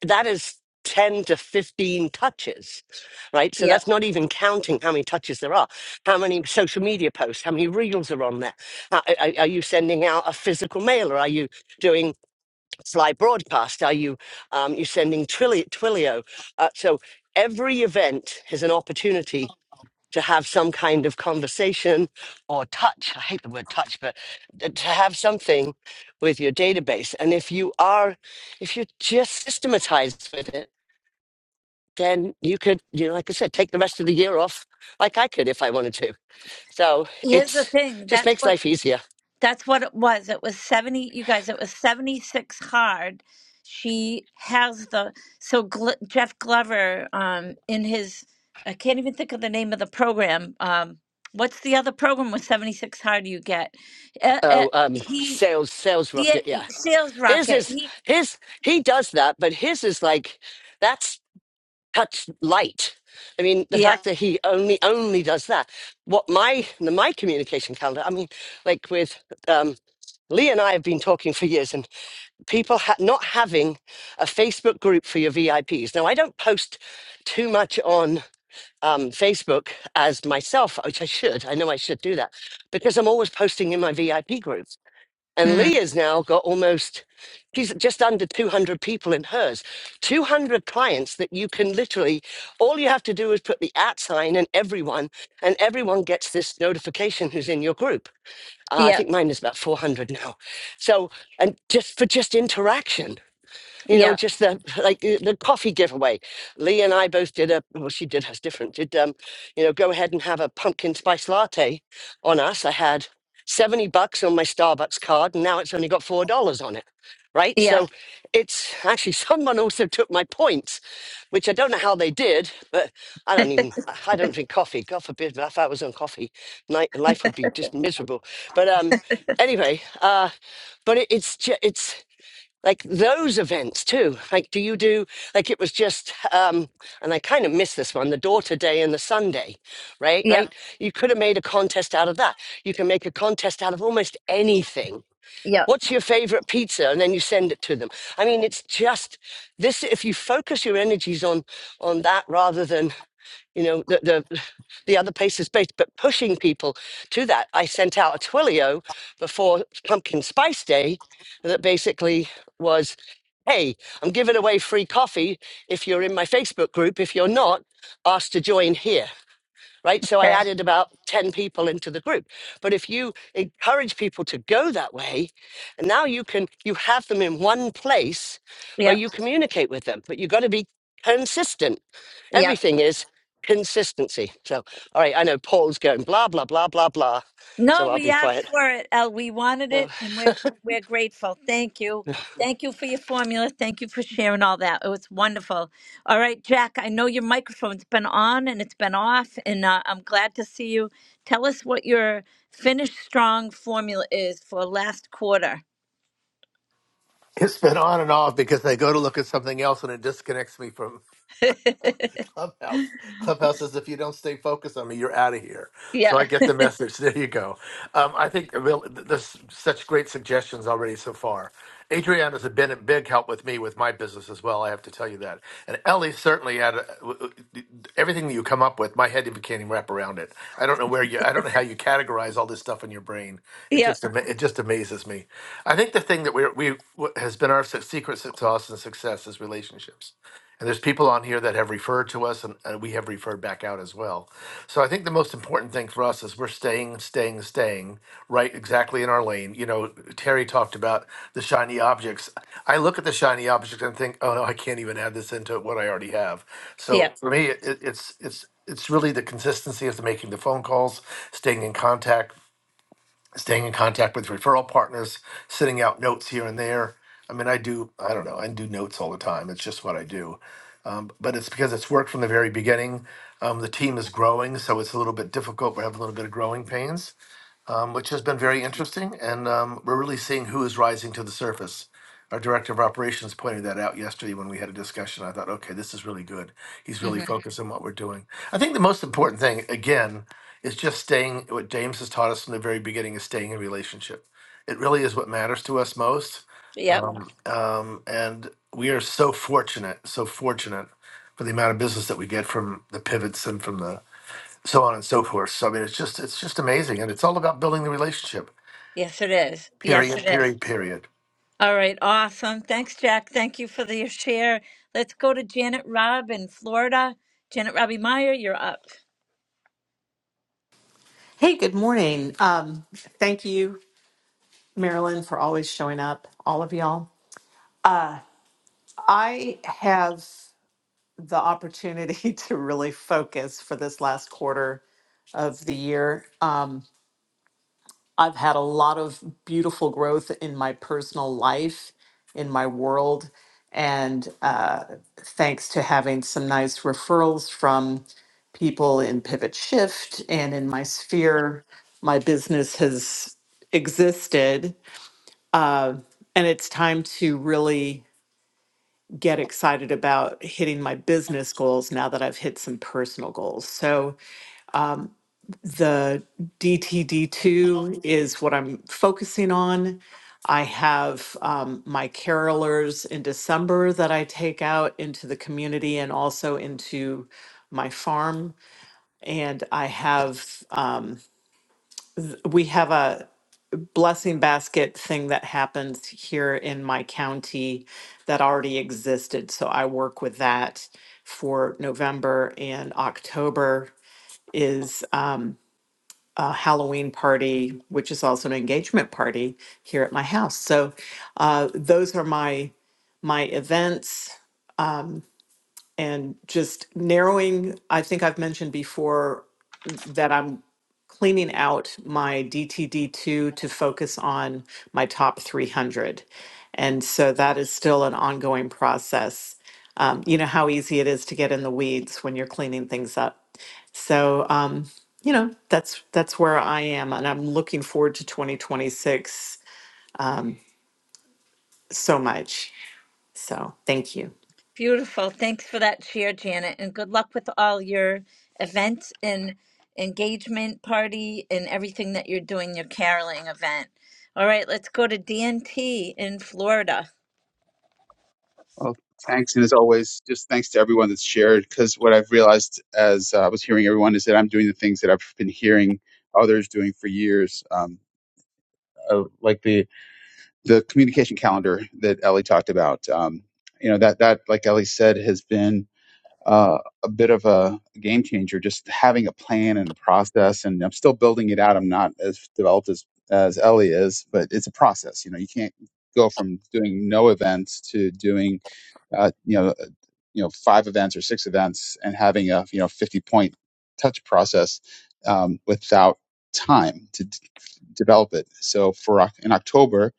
S14: that is 10 to 15 touches right so
S1: Yep.
S14: that's not even counting how many touches there are how many social media posts how many reels are on there how, are, are you sending out a physical mailer are you doing fly broadcast are you um, you sending twilio, twilio? Uh, so every event is an opportunity to have some kind of conversation or touch. I hate the word touch, but t- to have something with your database. And if you are, if you're just systematized with it, then you could, you know, like I said, take the rest of the year off, like I could if I wanted to. So
S1: Here's the
S14: it's
S1: thing.
S14: just
S1: That's
S14: makes
S1: what
S14: life easier.
S1: that's what it was. It was 70, you guys, it was 76 hard. She has the so Gl Jeff Glover um in his I can't even think of the name of the program. Um what's the other program with 76 hard you get? Uh, uh,
S14: Oh, um,
S1: he
S14: sales, sales
S1: yeah,
S14: rocket, yeah.
S1: sales
S14: His
S1: rocket.
S14: is
S1: He
S14: his. He does that, but his is like that's cuts light. I mean, the
S1: yeah.
S14: fact that he only only does that. What my my communication calendar. I mean, like with um, Lee and I have been talking for years, and people ha- not having a Facebook group for your VIPs. Now, I don't post too much on um, Facebook as myself, which I should. I know I should do that because I'm always posting in my VIP group. And
S1: Mm,
S14: Leah's now got almost, she's just under 200 people in hers. 200 clients that you can literally, all you have to do is put the at sign and everyone, and everyone gets this notification who's in your group. Uh, I
S1: yeah.
S14: think mine is about 400 now. So, and just for just interaction you know,
S1: Yeah.
S14: just the like uh, the coffee giveaway. Lee and I both did a well, she did hers different. Did um, you know, go ahead and have a pumpkin spice latte on us. I had seventy bucks on my Starbucks card, and now it's only got four dollars on it. Right,
S1: Yeah.
S14: so it's (laughs) actually someone also took my points, which I don't know how they did, but I don't even
S1: (laughs)
S14: I I don't drink coffee. God forbid, if I was on coffee, night, life would be just miserable. But um, anyway, uh, but it, it's ju- it's like those events too like do you do like it was just um and i kind of miss this one the daughter day and the sunday right
S1: Yep.
S14: right you could have made a contest out of that you can make a contest out of almost anything
S1: Yep.
S14: what's your favorite pizza and then you send it to them i mean it's just this if you focus your energies on on that rather than you know the the, the other pace is based but pushing people to that i sent out a twilio before pumpkin spice day that basically was hey i'm giving away free coffee if you're in my facebook group if you're not ask to join here right so i
S1: Okay.
S14: added about 10 people into the group but if you encourage people to go that way and now you can you have them in one place where
S1: Yep.
S14: you communicate with them but you've got to be consistent
S1: Yep.
S14: Everything is consistency. So, all right, I know Paul's going blah, blah, blah, blah, blah. So
S1: No,
S14: I'll
S1: we
S14: be
S1: asked
S14: quiet.
S1: for it, El. We wanted it, and we're we're grateful. Thank you. Thank you for your formula. Thank you for sharing all that. It was wonderful. All right, Jack. I know your microphone's been on and it's been off, and uh, I'm glad to see you. Tell us what your Finish Strong formula is for last quarter.
S15: It's been on and off because I go to look at something else and it disconnects me from
S1: (laughs)
S15: Clubhouse. Clubhouse says if you don't stay focused on me, you're out of here. So I
S1: yeah.
S15: get the message. (laughs) There you go. Um, I think real, th- there's such great suggestions already so far. Adriana's has been a big help with me with my business as well. I have to tell you that. And Ellie certainly had a, w- w- everything that you come up with. My head can't even wrap around it. I don't know where you. I don't know how you categorize all this stuff in your brain. It
S1: Yep.
S15: just ama- it just amazes me. I think the thing that we're, we we what has been our su- secret sauce and success is relationships. And there's people on here that have referred to us, and, and we have referred back out as well. So I think the most important thing for us is we're staying, staying, staying right exactly in our lane. You know, Terry talked about the shiny objects. I look at the shiny objects and think, oh no, I can't even add this into what I already have. So
S1: Yep.
S15: for me, it, it's it's it's really the consistency of the making the phone calls, staying in contact, staying in contact with referral partners, sending out notes here and there. I mean, I do, I don't know, I do notes all the time. It's just what I do. Um, but it's because it's worked from the very beginning. Um, the team is growing, so it's a little bit difficult. We have a little bit of growing pains um, which has been very interesting. And um, we're really seeing who is rising to the surface. Our director of operations pointed that out yesterday when we had a discussion. I thought, okay, this is really good. He's really
S1: hmm
S15: Mhm. focused on what we're doing. I think the most important thing, again, is just staying, what James has taught us from the very beginning, is staying in relationship. It really is what matters to us most. Yeah.
S1: Yep.
S15: Um, um, and we are so fortunate, so fortunate for the amount of business that we get from the pivots and from the so on and so forth. So I mean, it's just it's just amazing, and it's all about building the relationship.
S1: Yes, it is. Yes, it
S15: Period.
S1: is.
S15: Period. Period.
S1: All right, awesome. Thanks, Jack. Thank you for the share. Let's go to Janet Robb in Florida. Janet Robbie Meyer, you're up.
S16: Hey, good morning. Um, thank you, Marilyn, for always showing up, all of y'all. Uh, I have the opportunity (laughs) to really focus for this last quarter of the year. Um, I've had a lot of beautiful growth in my personal life, in my world, and uh, thanks to having some nice referrals from people in Pivot Shift and in my sphere, my business has existed. Uh, and it's time to really get excited about hitting my business goals now that I've hit some personal goals. So the DTD2 is what I'm focusing on. I have um, my carolers in December that I take out into the community and also into my farm. And I have, um, we have a blessing basket thing that happens here in my county that already existed. So I work with that for November and October is. um, a Halloween party, which is also an engagement party here at my house. So uh, those are my my events and just narrowing i think i've mentioned before that i'm cleaning out my dtd2 to focus on my top 300 and so that is still an ongoing process um, you know how easy it is to get in the weeds when you're cleaning things up so um, you know that's that's where i am and i'm looking forward to 2026 so much so thank you
S1: Beautiful. Thanks for that share, Janet, and good luck with all your events and engagement party and everything that you're doing, your caroling event. All right, let's go to DNT in Florida.
S17: Well, thanks, and as always, just thanks to everyone that's shared. Because what I've realized as I was hearing everyone is that I'm doing the things that I've been hearing others doing for years, um, uh, like the the communication calendar that Ellie talked about. Um, you know that that, like Ellie said, has been uh, a bit of a game changer. Just having a plan and a process, and I'm still building it out. I'm not as developed as as Ellie is, but it's a process. You know, you can't go from doing no events to doing. uh, you know you know five events or six events and having a you know 50 point touch process um, without time to d- develop it so for Oc- in october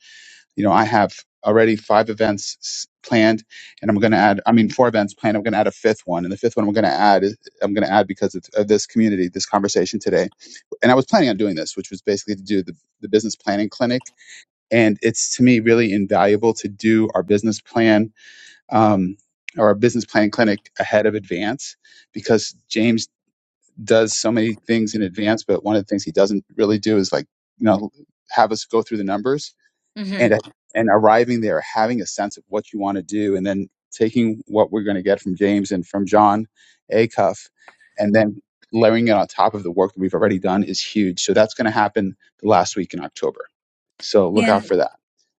S17: you know i have already five events s- planned and i'm going to add i mean four events planned i'm going to add a fifth one and the fifth one i'm going to add is- i'm going to add because of, of this community this conversation today and i was planning on doing this which was basically to do the, the business planning clinic and it's to me really invaluable to do our business plan um, or a business plan clinic ahead of advance because James does so many things in advance, but one of the things he doesn't really do is like, you know, have us go through the numbers and uh,
S1: Mm-hmm.
S17: and arriving there, having a sense of what you want to do, and then taking what we're going to get from James and from John Acuff, and then layering it on top of the work that we've already done is huge. So that's going to happen the last week in October. So look out for that.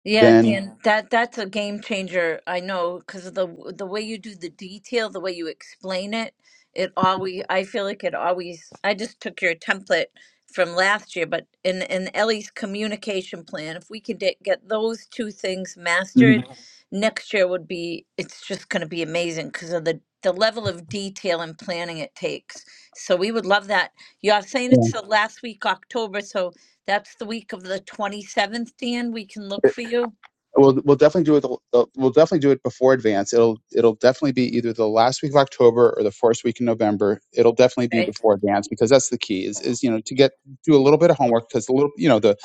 S1: Yeah,
S17: Then,
S1: Dan, that that's a game changer. I know because the the way you do the detail, the way you explain it, it always I feel like it always I just took your template from last year, but in in Ellie's communication plan, if we could get, get those two things mastered,
S17: Mhm.
S1: Mhm. next year would be it's just going to be amazing because of the the level of detail and planning it takes. So we would love that. You're saying it's the last week October, so that's the week of the 27th, Dan. We can look for you.
S17: We'll we'll definitely do it. the- the- We'll definitely do it before advance. It'll it'll definitely be either the last week of October or the first week in November. It'll definitely be
S1: Okay.
S17: before advance because that's the key. Is is you know to get do a little bit of homework because a little you know the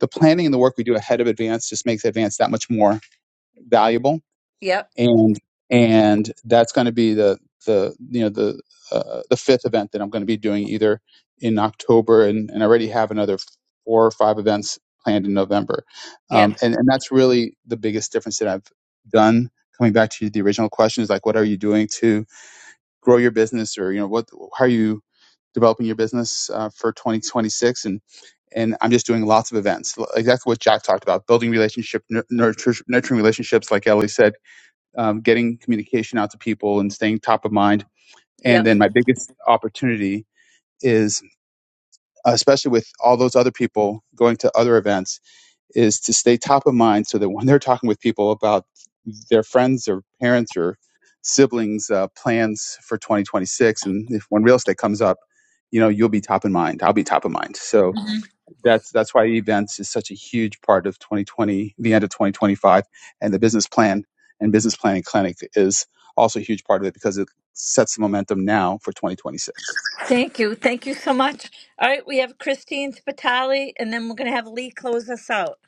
S17: the planning and the work we do ahead of advance just makes advance that much more valuable
S1: Yep.
S17: and and that's going to be the the you know the uh, the fifth event that I'm going to be doing either in October and, and I already have another four or five events planned in November,
S1: Yep.
S17: um, and and that's really the biggest difference that I've done. Coming back to the original question is like, what are you doing to grow your business, or you know, what how are you developing your business uh, for 2026 and and I'm just doing lots of events, L- exactly what Jack talked about, building relationship, nur- nurture, nurturing relationships, like Ellie said, um, getting communication out to people and staying top of mind. And
S1: Yep.
S17: then my biggest opportunity is, especially with all those other people going to other events, is to stay top of mind so that when they're talking with people about their friends or parents or siblings' uh, plans for 2026, and if when real estate comes up, you know, you'll be top of mind. I'll be top of mind. So
S1: Mhm.
S17: that's that's why events is such a huge part of 2020, the end of 2025, and the business plan and business planning clinic is also a huge part of it because it sets the momentum now for 2026.
S1: Thank you. Thank you so much. All right. We have Christine Spitali, and then we're going to have Lee close us out.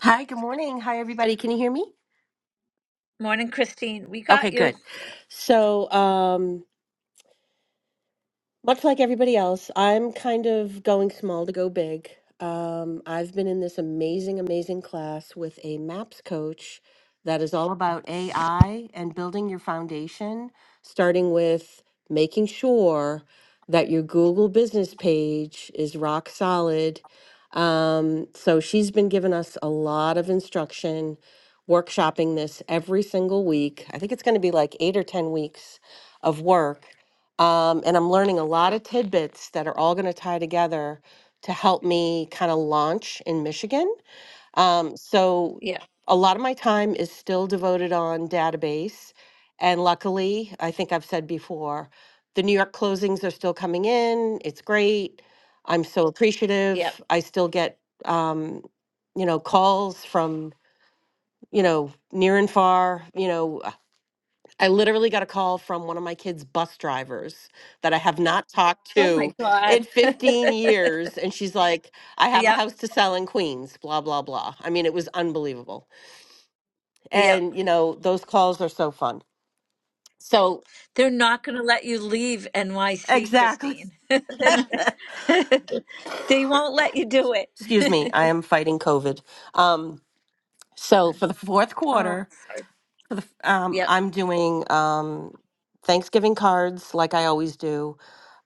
S18: Hi, good morning. Hi, everybody. Can you hear me?
S1: Morning, Christine. We
S18: Okay,
S1: got you.
S18: good. So, um, Much like everybody else, I'm kind of going small to go big. Um, I've been in this amazing, amazing class with a MAPS coach that is all about AI and building your foundation, starting with making sure that your Google business page is rock solid. Um, so she's been giving us a lot of instruction, workshopping this every single week. I think it's going to be like eight or 10 weeks of work um, and I'm learning a lot of tidbits that are all going to tie together to help me kind of launch in Michigan. Um, so
S1: Yep.
S18: a lot of my time is still devoted on database. And luckily, I think I've said before, the New York closings are still coming in. It's great. I'm so
S1: Yep.
S18: appreciative. I still get, um, you know, calls from, you know, near and far, you know, I literally got a call from one of my kids' bus drivers that I have not talked
S1: Oh, my
S18: to in
S1: God. (laughs)
S18: 15 years. And she's like, I have a
S1: Yep.
S18: house to sell in Queens, blah, blah, blah. I mean, it was unbelievable.
S1: Yep.
S18: And, you know, those calls are so fun. So,
S1: They're not going to let you leave NYC,
S18: exactly.
S1: Christine. (laughs) They're not-
S18: (laughs)
S1: (laughs) they won't let you do it.
S18: Excuse me, I
S1: (laughs)
S18: am fighting COVID. Um, so, for the fourth
S1: oh,
S18: quarter, for the, f- um,
S1: yep.
S18: I'm doing um, Thanksgiving cards like I always do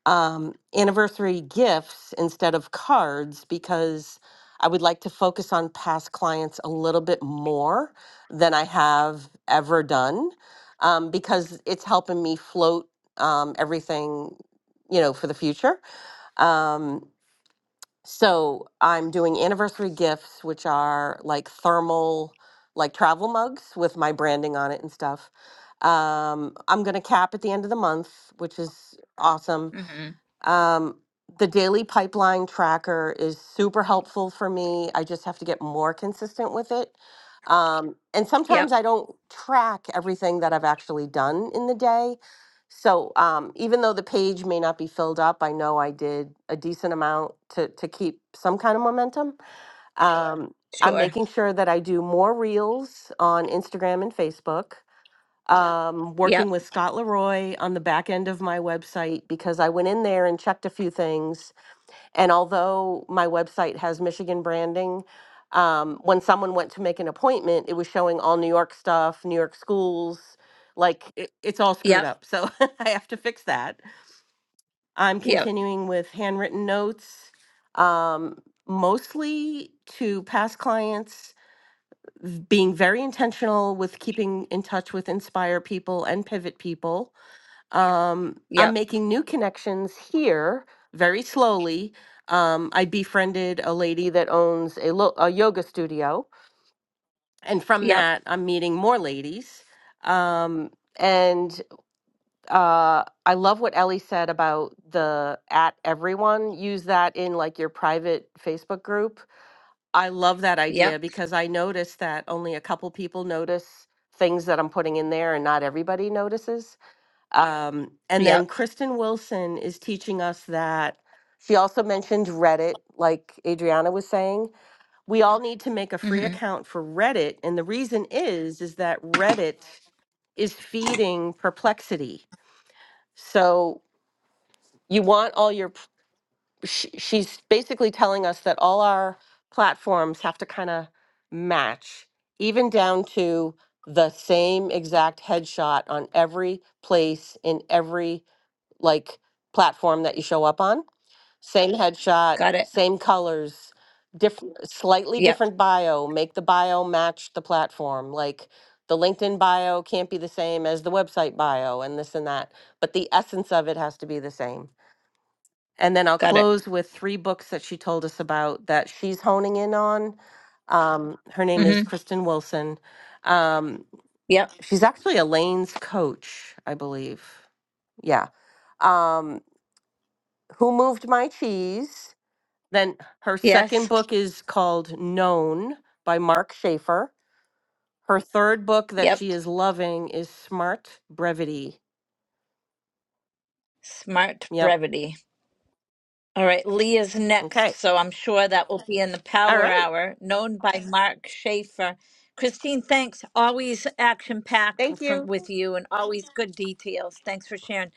S18: um, anniversary gifts instead of cards because I would like to focus on past clients a little bit more than I have ever done um, because it's helping me float um, everything, you know, for the future. Um, so I'm doing anniversary gifts, which are like thermal, like travel mugs with my branding on it and stuff. Um, I'm going to cap at the end of the month, which is awesome
S1: hmm
S18: um, the daily pipeline tracker is super helpful for me. I just have to get more consistent with it. Um, and sometimes
S1: Yep.
S18: I don't track everything that I've actually done in the day. So um, even though the page may not be filled up, I know I did a decent amount to, to keep some kind of momentum. Um, I'm
S1: Sure.
S18: making sure that I do more reels on Instagram and Facebook um,
S1: Yep.
S18: working with Scott Leroy on the back end of my website because I went in there and checked a few things. And although my website has Michigan branding, um, when someone went to make an appointment, it was showing all New York stuff, New York schools. Like it, it's all screwed
S1: Yep.
S18: up. So (laughs) I have to fix that. I'm
S1: Yep.
S18: continuing with handwritten notes, um, mostly to past clients, being very intentional with keeping in touch with Inspire people and Pivot people um,
S1: Yep.
S18: I'm making new connections here very slowly. Um, I befriended a lady that owns a, lo- a yoga studio, and from
S1: Yep.
S18: that, I'm meeting more ladies. Um, and uh, I love what Ellie said about the at everyone. Use that in like your private Facebook group. I love that
S1: Yep.
S18: idea because I noticed that only a couple people notice things that I'm putting in there, and not everybody notices. Um, and then
S1: Yep.
S18: Kristen Wilson is teaching us that she also mentioned Reddit, like Adriana was saying. We all need to make a free
S1: hmm
S18: account for Reddit. And the reason is, is that Reddit is feeding perplexity. So you want all your, p- sh- she's basically telling us that all our platforms have to kind of match, even down to the same exact headshot on every place in every like platform that you show up on. Same headshot,
S1: Got it.
S18: same colors, different, slightly
S1: Yep.
S18: different bio. Make the bio match the platform. Like the LinkedIn bio can't be the same as the website bio and this and that, but the essence of it has to be the same. And then I'll
S1: Got it.
S18: close with three books that she told us about that she's honing in on. Um, her name
S1: hmm
S18: is Kristen Wilson. Um,
S1: Yep.
S18: she's actually Elaine's coach, I believe. Yeah. Um, who Moved My Cheese. Then her second
S1: Yes.
S18: book is called Known by Mark Schaefer. Her third book that
S1: Yep.
S18: she is loving is Smart Brevity.
S1: Smart
S18: Yep.
S1: brevity. All right. Leah's next.
S18: Okay.
S1: So I'm sure that will be in the
S18: All
S1: power
S18: right.
S1: hour, known by Mark Schaefer. Christine, thanks. Always action packed
S18: Thank you.
S1: from with you and always good details. Thanks for sharing.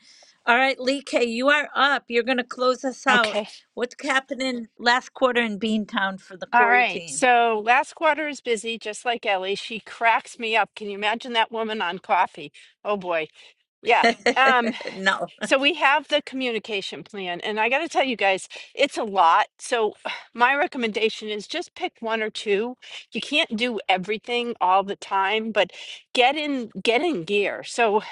S1: All right, Lee K, you are up. You're going to close us out.
S19: Okay.
S1: What's happening last quarter in Beantown for the
S19: All
S1: Corey
S19: right.
S1: team?
S19: So last quarter is busy, just like Ellie. She cracks me up. Can you imagine that woman on coffee? Oh boy.
S1: (laughs)
S19: Yeah. Um,
S1: no.
S19: so we have the communication plan, and I got to tell you guys, it's a lot. So (sighs) my recommendation is just pick one or two. You can't do everything all the time, but get in get in gear. So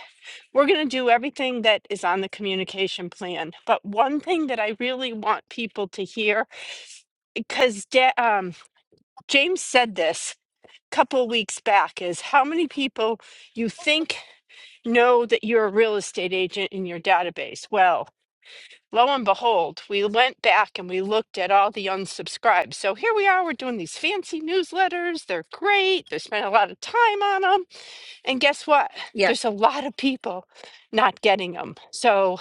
S19: we're going to do everything that is on the communication plan. But one thing that I really want people to hear, because James said this a couple of weeks back is how many people you think know that you're a real estate agent in your database. Well, lo and behold, we went back and we looked at all the unsubscribed. So here we are, we're doing these fancy newsletters. They're great. They spend a lot of time on them. And guess what?
S1: Yep.
S19: There's a lot of people not getting them. So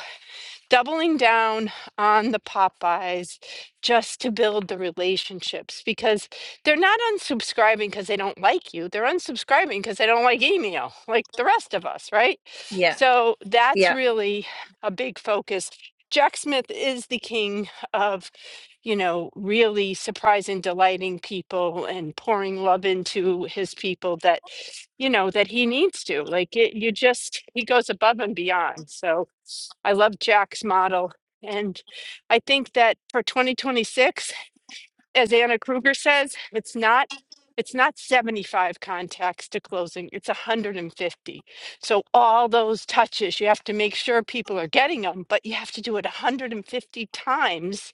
S19: doubling down on the Popeyes just to build the relationships because they're not unsubscribing because they don't like you. They're unsubscribing because they don't like email, like the rest of us, right?
S1: Yeah.
S19: So
S1: Yeah.
S19: that's really a big focus. Jack Smith is the king of you know, really surprising, delighting people and pouring love into his people that, you know, that he needs to. Like it, you just, he goes above and beyond. So I love Jack's model. And I think that for 2026, as Anna Kruger says, it's not. It's not 75 contacts to closing, it's 150. So, all those touches, you have to make sure people are getting them, but you have to do it 150 times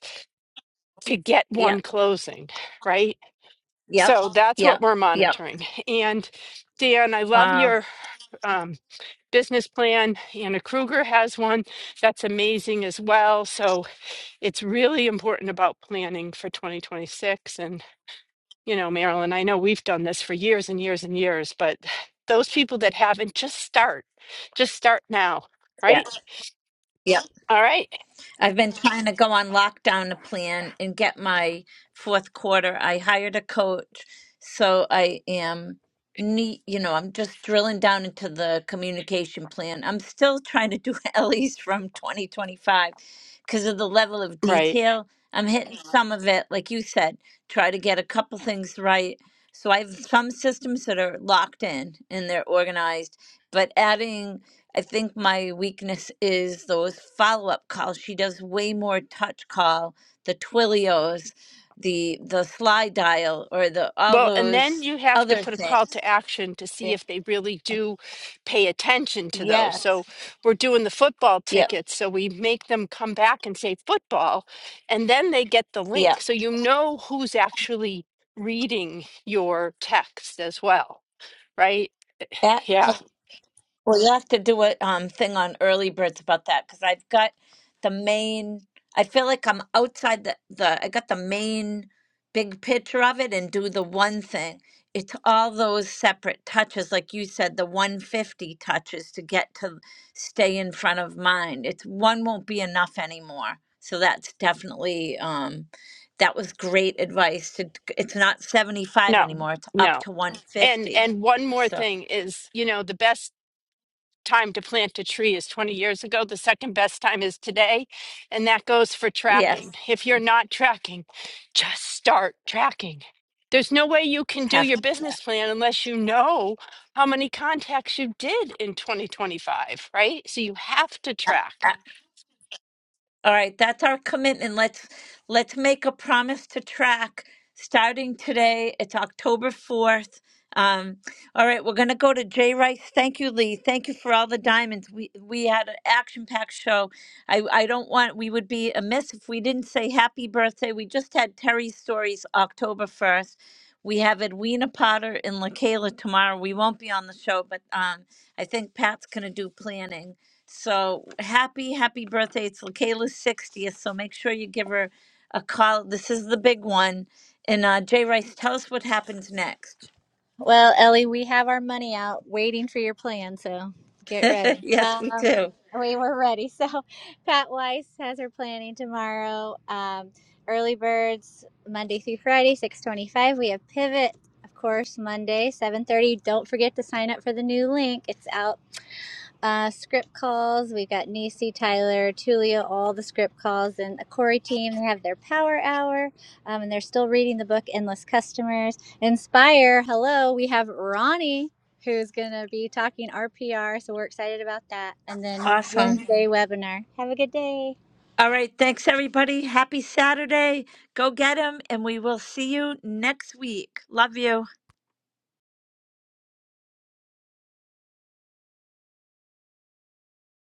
S19: to get
S1: Yeah.
S19: one closing, right?
S1: yep,
S19: So that's what
S1: yep,
S19: we're
S1: yep.
S19: monitoring. (laughs) And Dan, I love
S1: Wow.
S19: your um, business plan. Anna Kruger has one that's amazing as well. So it's really important about planning for 2026. And, you know, Marilyn, I know we've done this for years and years and years, but those people that haven't, just start, just start now,
S1: Yeah,
S19: right?
S1: Yep.
S19: All right.
S1: I've been trying to go on lockdown to plan and get my fourth quarter. I hired a coach, so I am neat. You know, I'm just drilling down into the communication plan. I'm still trying to do (laughs) Ellie's from 2025 because of the level of
S19: Right.
S1: detail. I'm hitting Mhm. some of it, like you said, try to get a couple things right. So I have some systems that are locked in and they're organized, but adding I think my weakness is those follow up calls. She does way more touch call, the Twilios, the the slide dial, or the all
S19: Well, and then
S1: those
S19: you have to
S1: other (laughs)
S19: put a call
S1: things.
S19: to action to see
S1: Yeah.
S19: if they really do pay attention to those.
S1: Yes.
S19: So we're doing the football
S1: Yep.
S19: tickets. So we make them come back and say football, and then they get the
S1: Yeah.
S19: link. So you know who's actually reading your text as well, right? Eh,
S1: Yeah.
S19: Yeah.
S1: Well, you have to do a um, thing on early birds about that because I've got the main. I feel like I'm outside the, the. I got the main big picture of it and do the one thing. It's all those separate touches, like you said, the 150 touches to get to stay in front of mind. It's one won't be enough anymore. So that's definitely um, that was great advice. To it's not 75
S19: No,
S1: anymore. It's up
S19: no.
S1: to
S19: And
S1: 150.
S19: and one more
S1: So
S19: thing is, you know, the best time to plant a tree is 20 years ago. The second best time is today. And that goes for
S1: yes,
S19: tracking. If you're not tracking, just start tracking. There's no way you can do
S1: have
S19: your
S1: to.
S19: business plan unless you know how many contacts you did in 2025, right? So you have to track.
S1: All right, that's our commitment. Let's let's make a promise to track starting today. It's October 4th. Um, all right, we're gonna go to Jay Rice. Thank you, Lee. Thank you for all the diamonds. We we had an action-packed show. I I don't want we would be amiss if we didn't say happy birthday. We just had Terry's stories October 1st. We have Edwina Potter and LaKayla tomorrow. We won't be on the show, but um, I think Pat's gonna do planning. So happy, happy birthday. It's Kayla's 60th. So make sure you give her a call. This is the big one. And uh, Jay Rice, tell us what happens next.
S4: Well, Ellie, we have our money out waiting for your plan, so get
S1: (laughs)
S4: ready.
S1: yes, we
S4: Um,
S1: do.
S4: we were ready. (laughs) So, Pat Weiss has her planning tomorrow. Um, early birds Monday through Friday, six twenty-five. We have pivot, of course, Monday, seven thirty. Don't forget to sign up for the new link. It's out uh, script calls. We've got Nacy, Tyler, Tulia, all the script calls, and the Corey team. They have their power hour, um, and they're still reading the book Endless Customers. Inspire, hello. We have Ronnie, who's going to be talking RPR, so we're excited about that. And then
S1: Awesome.
S4: Wednesday webinar. Have a good day.
S1: All right. Thanks, everybody. Happy Saturday. Go get him. And we will see you next week. Love you.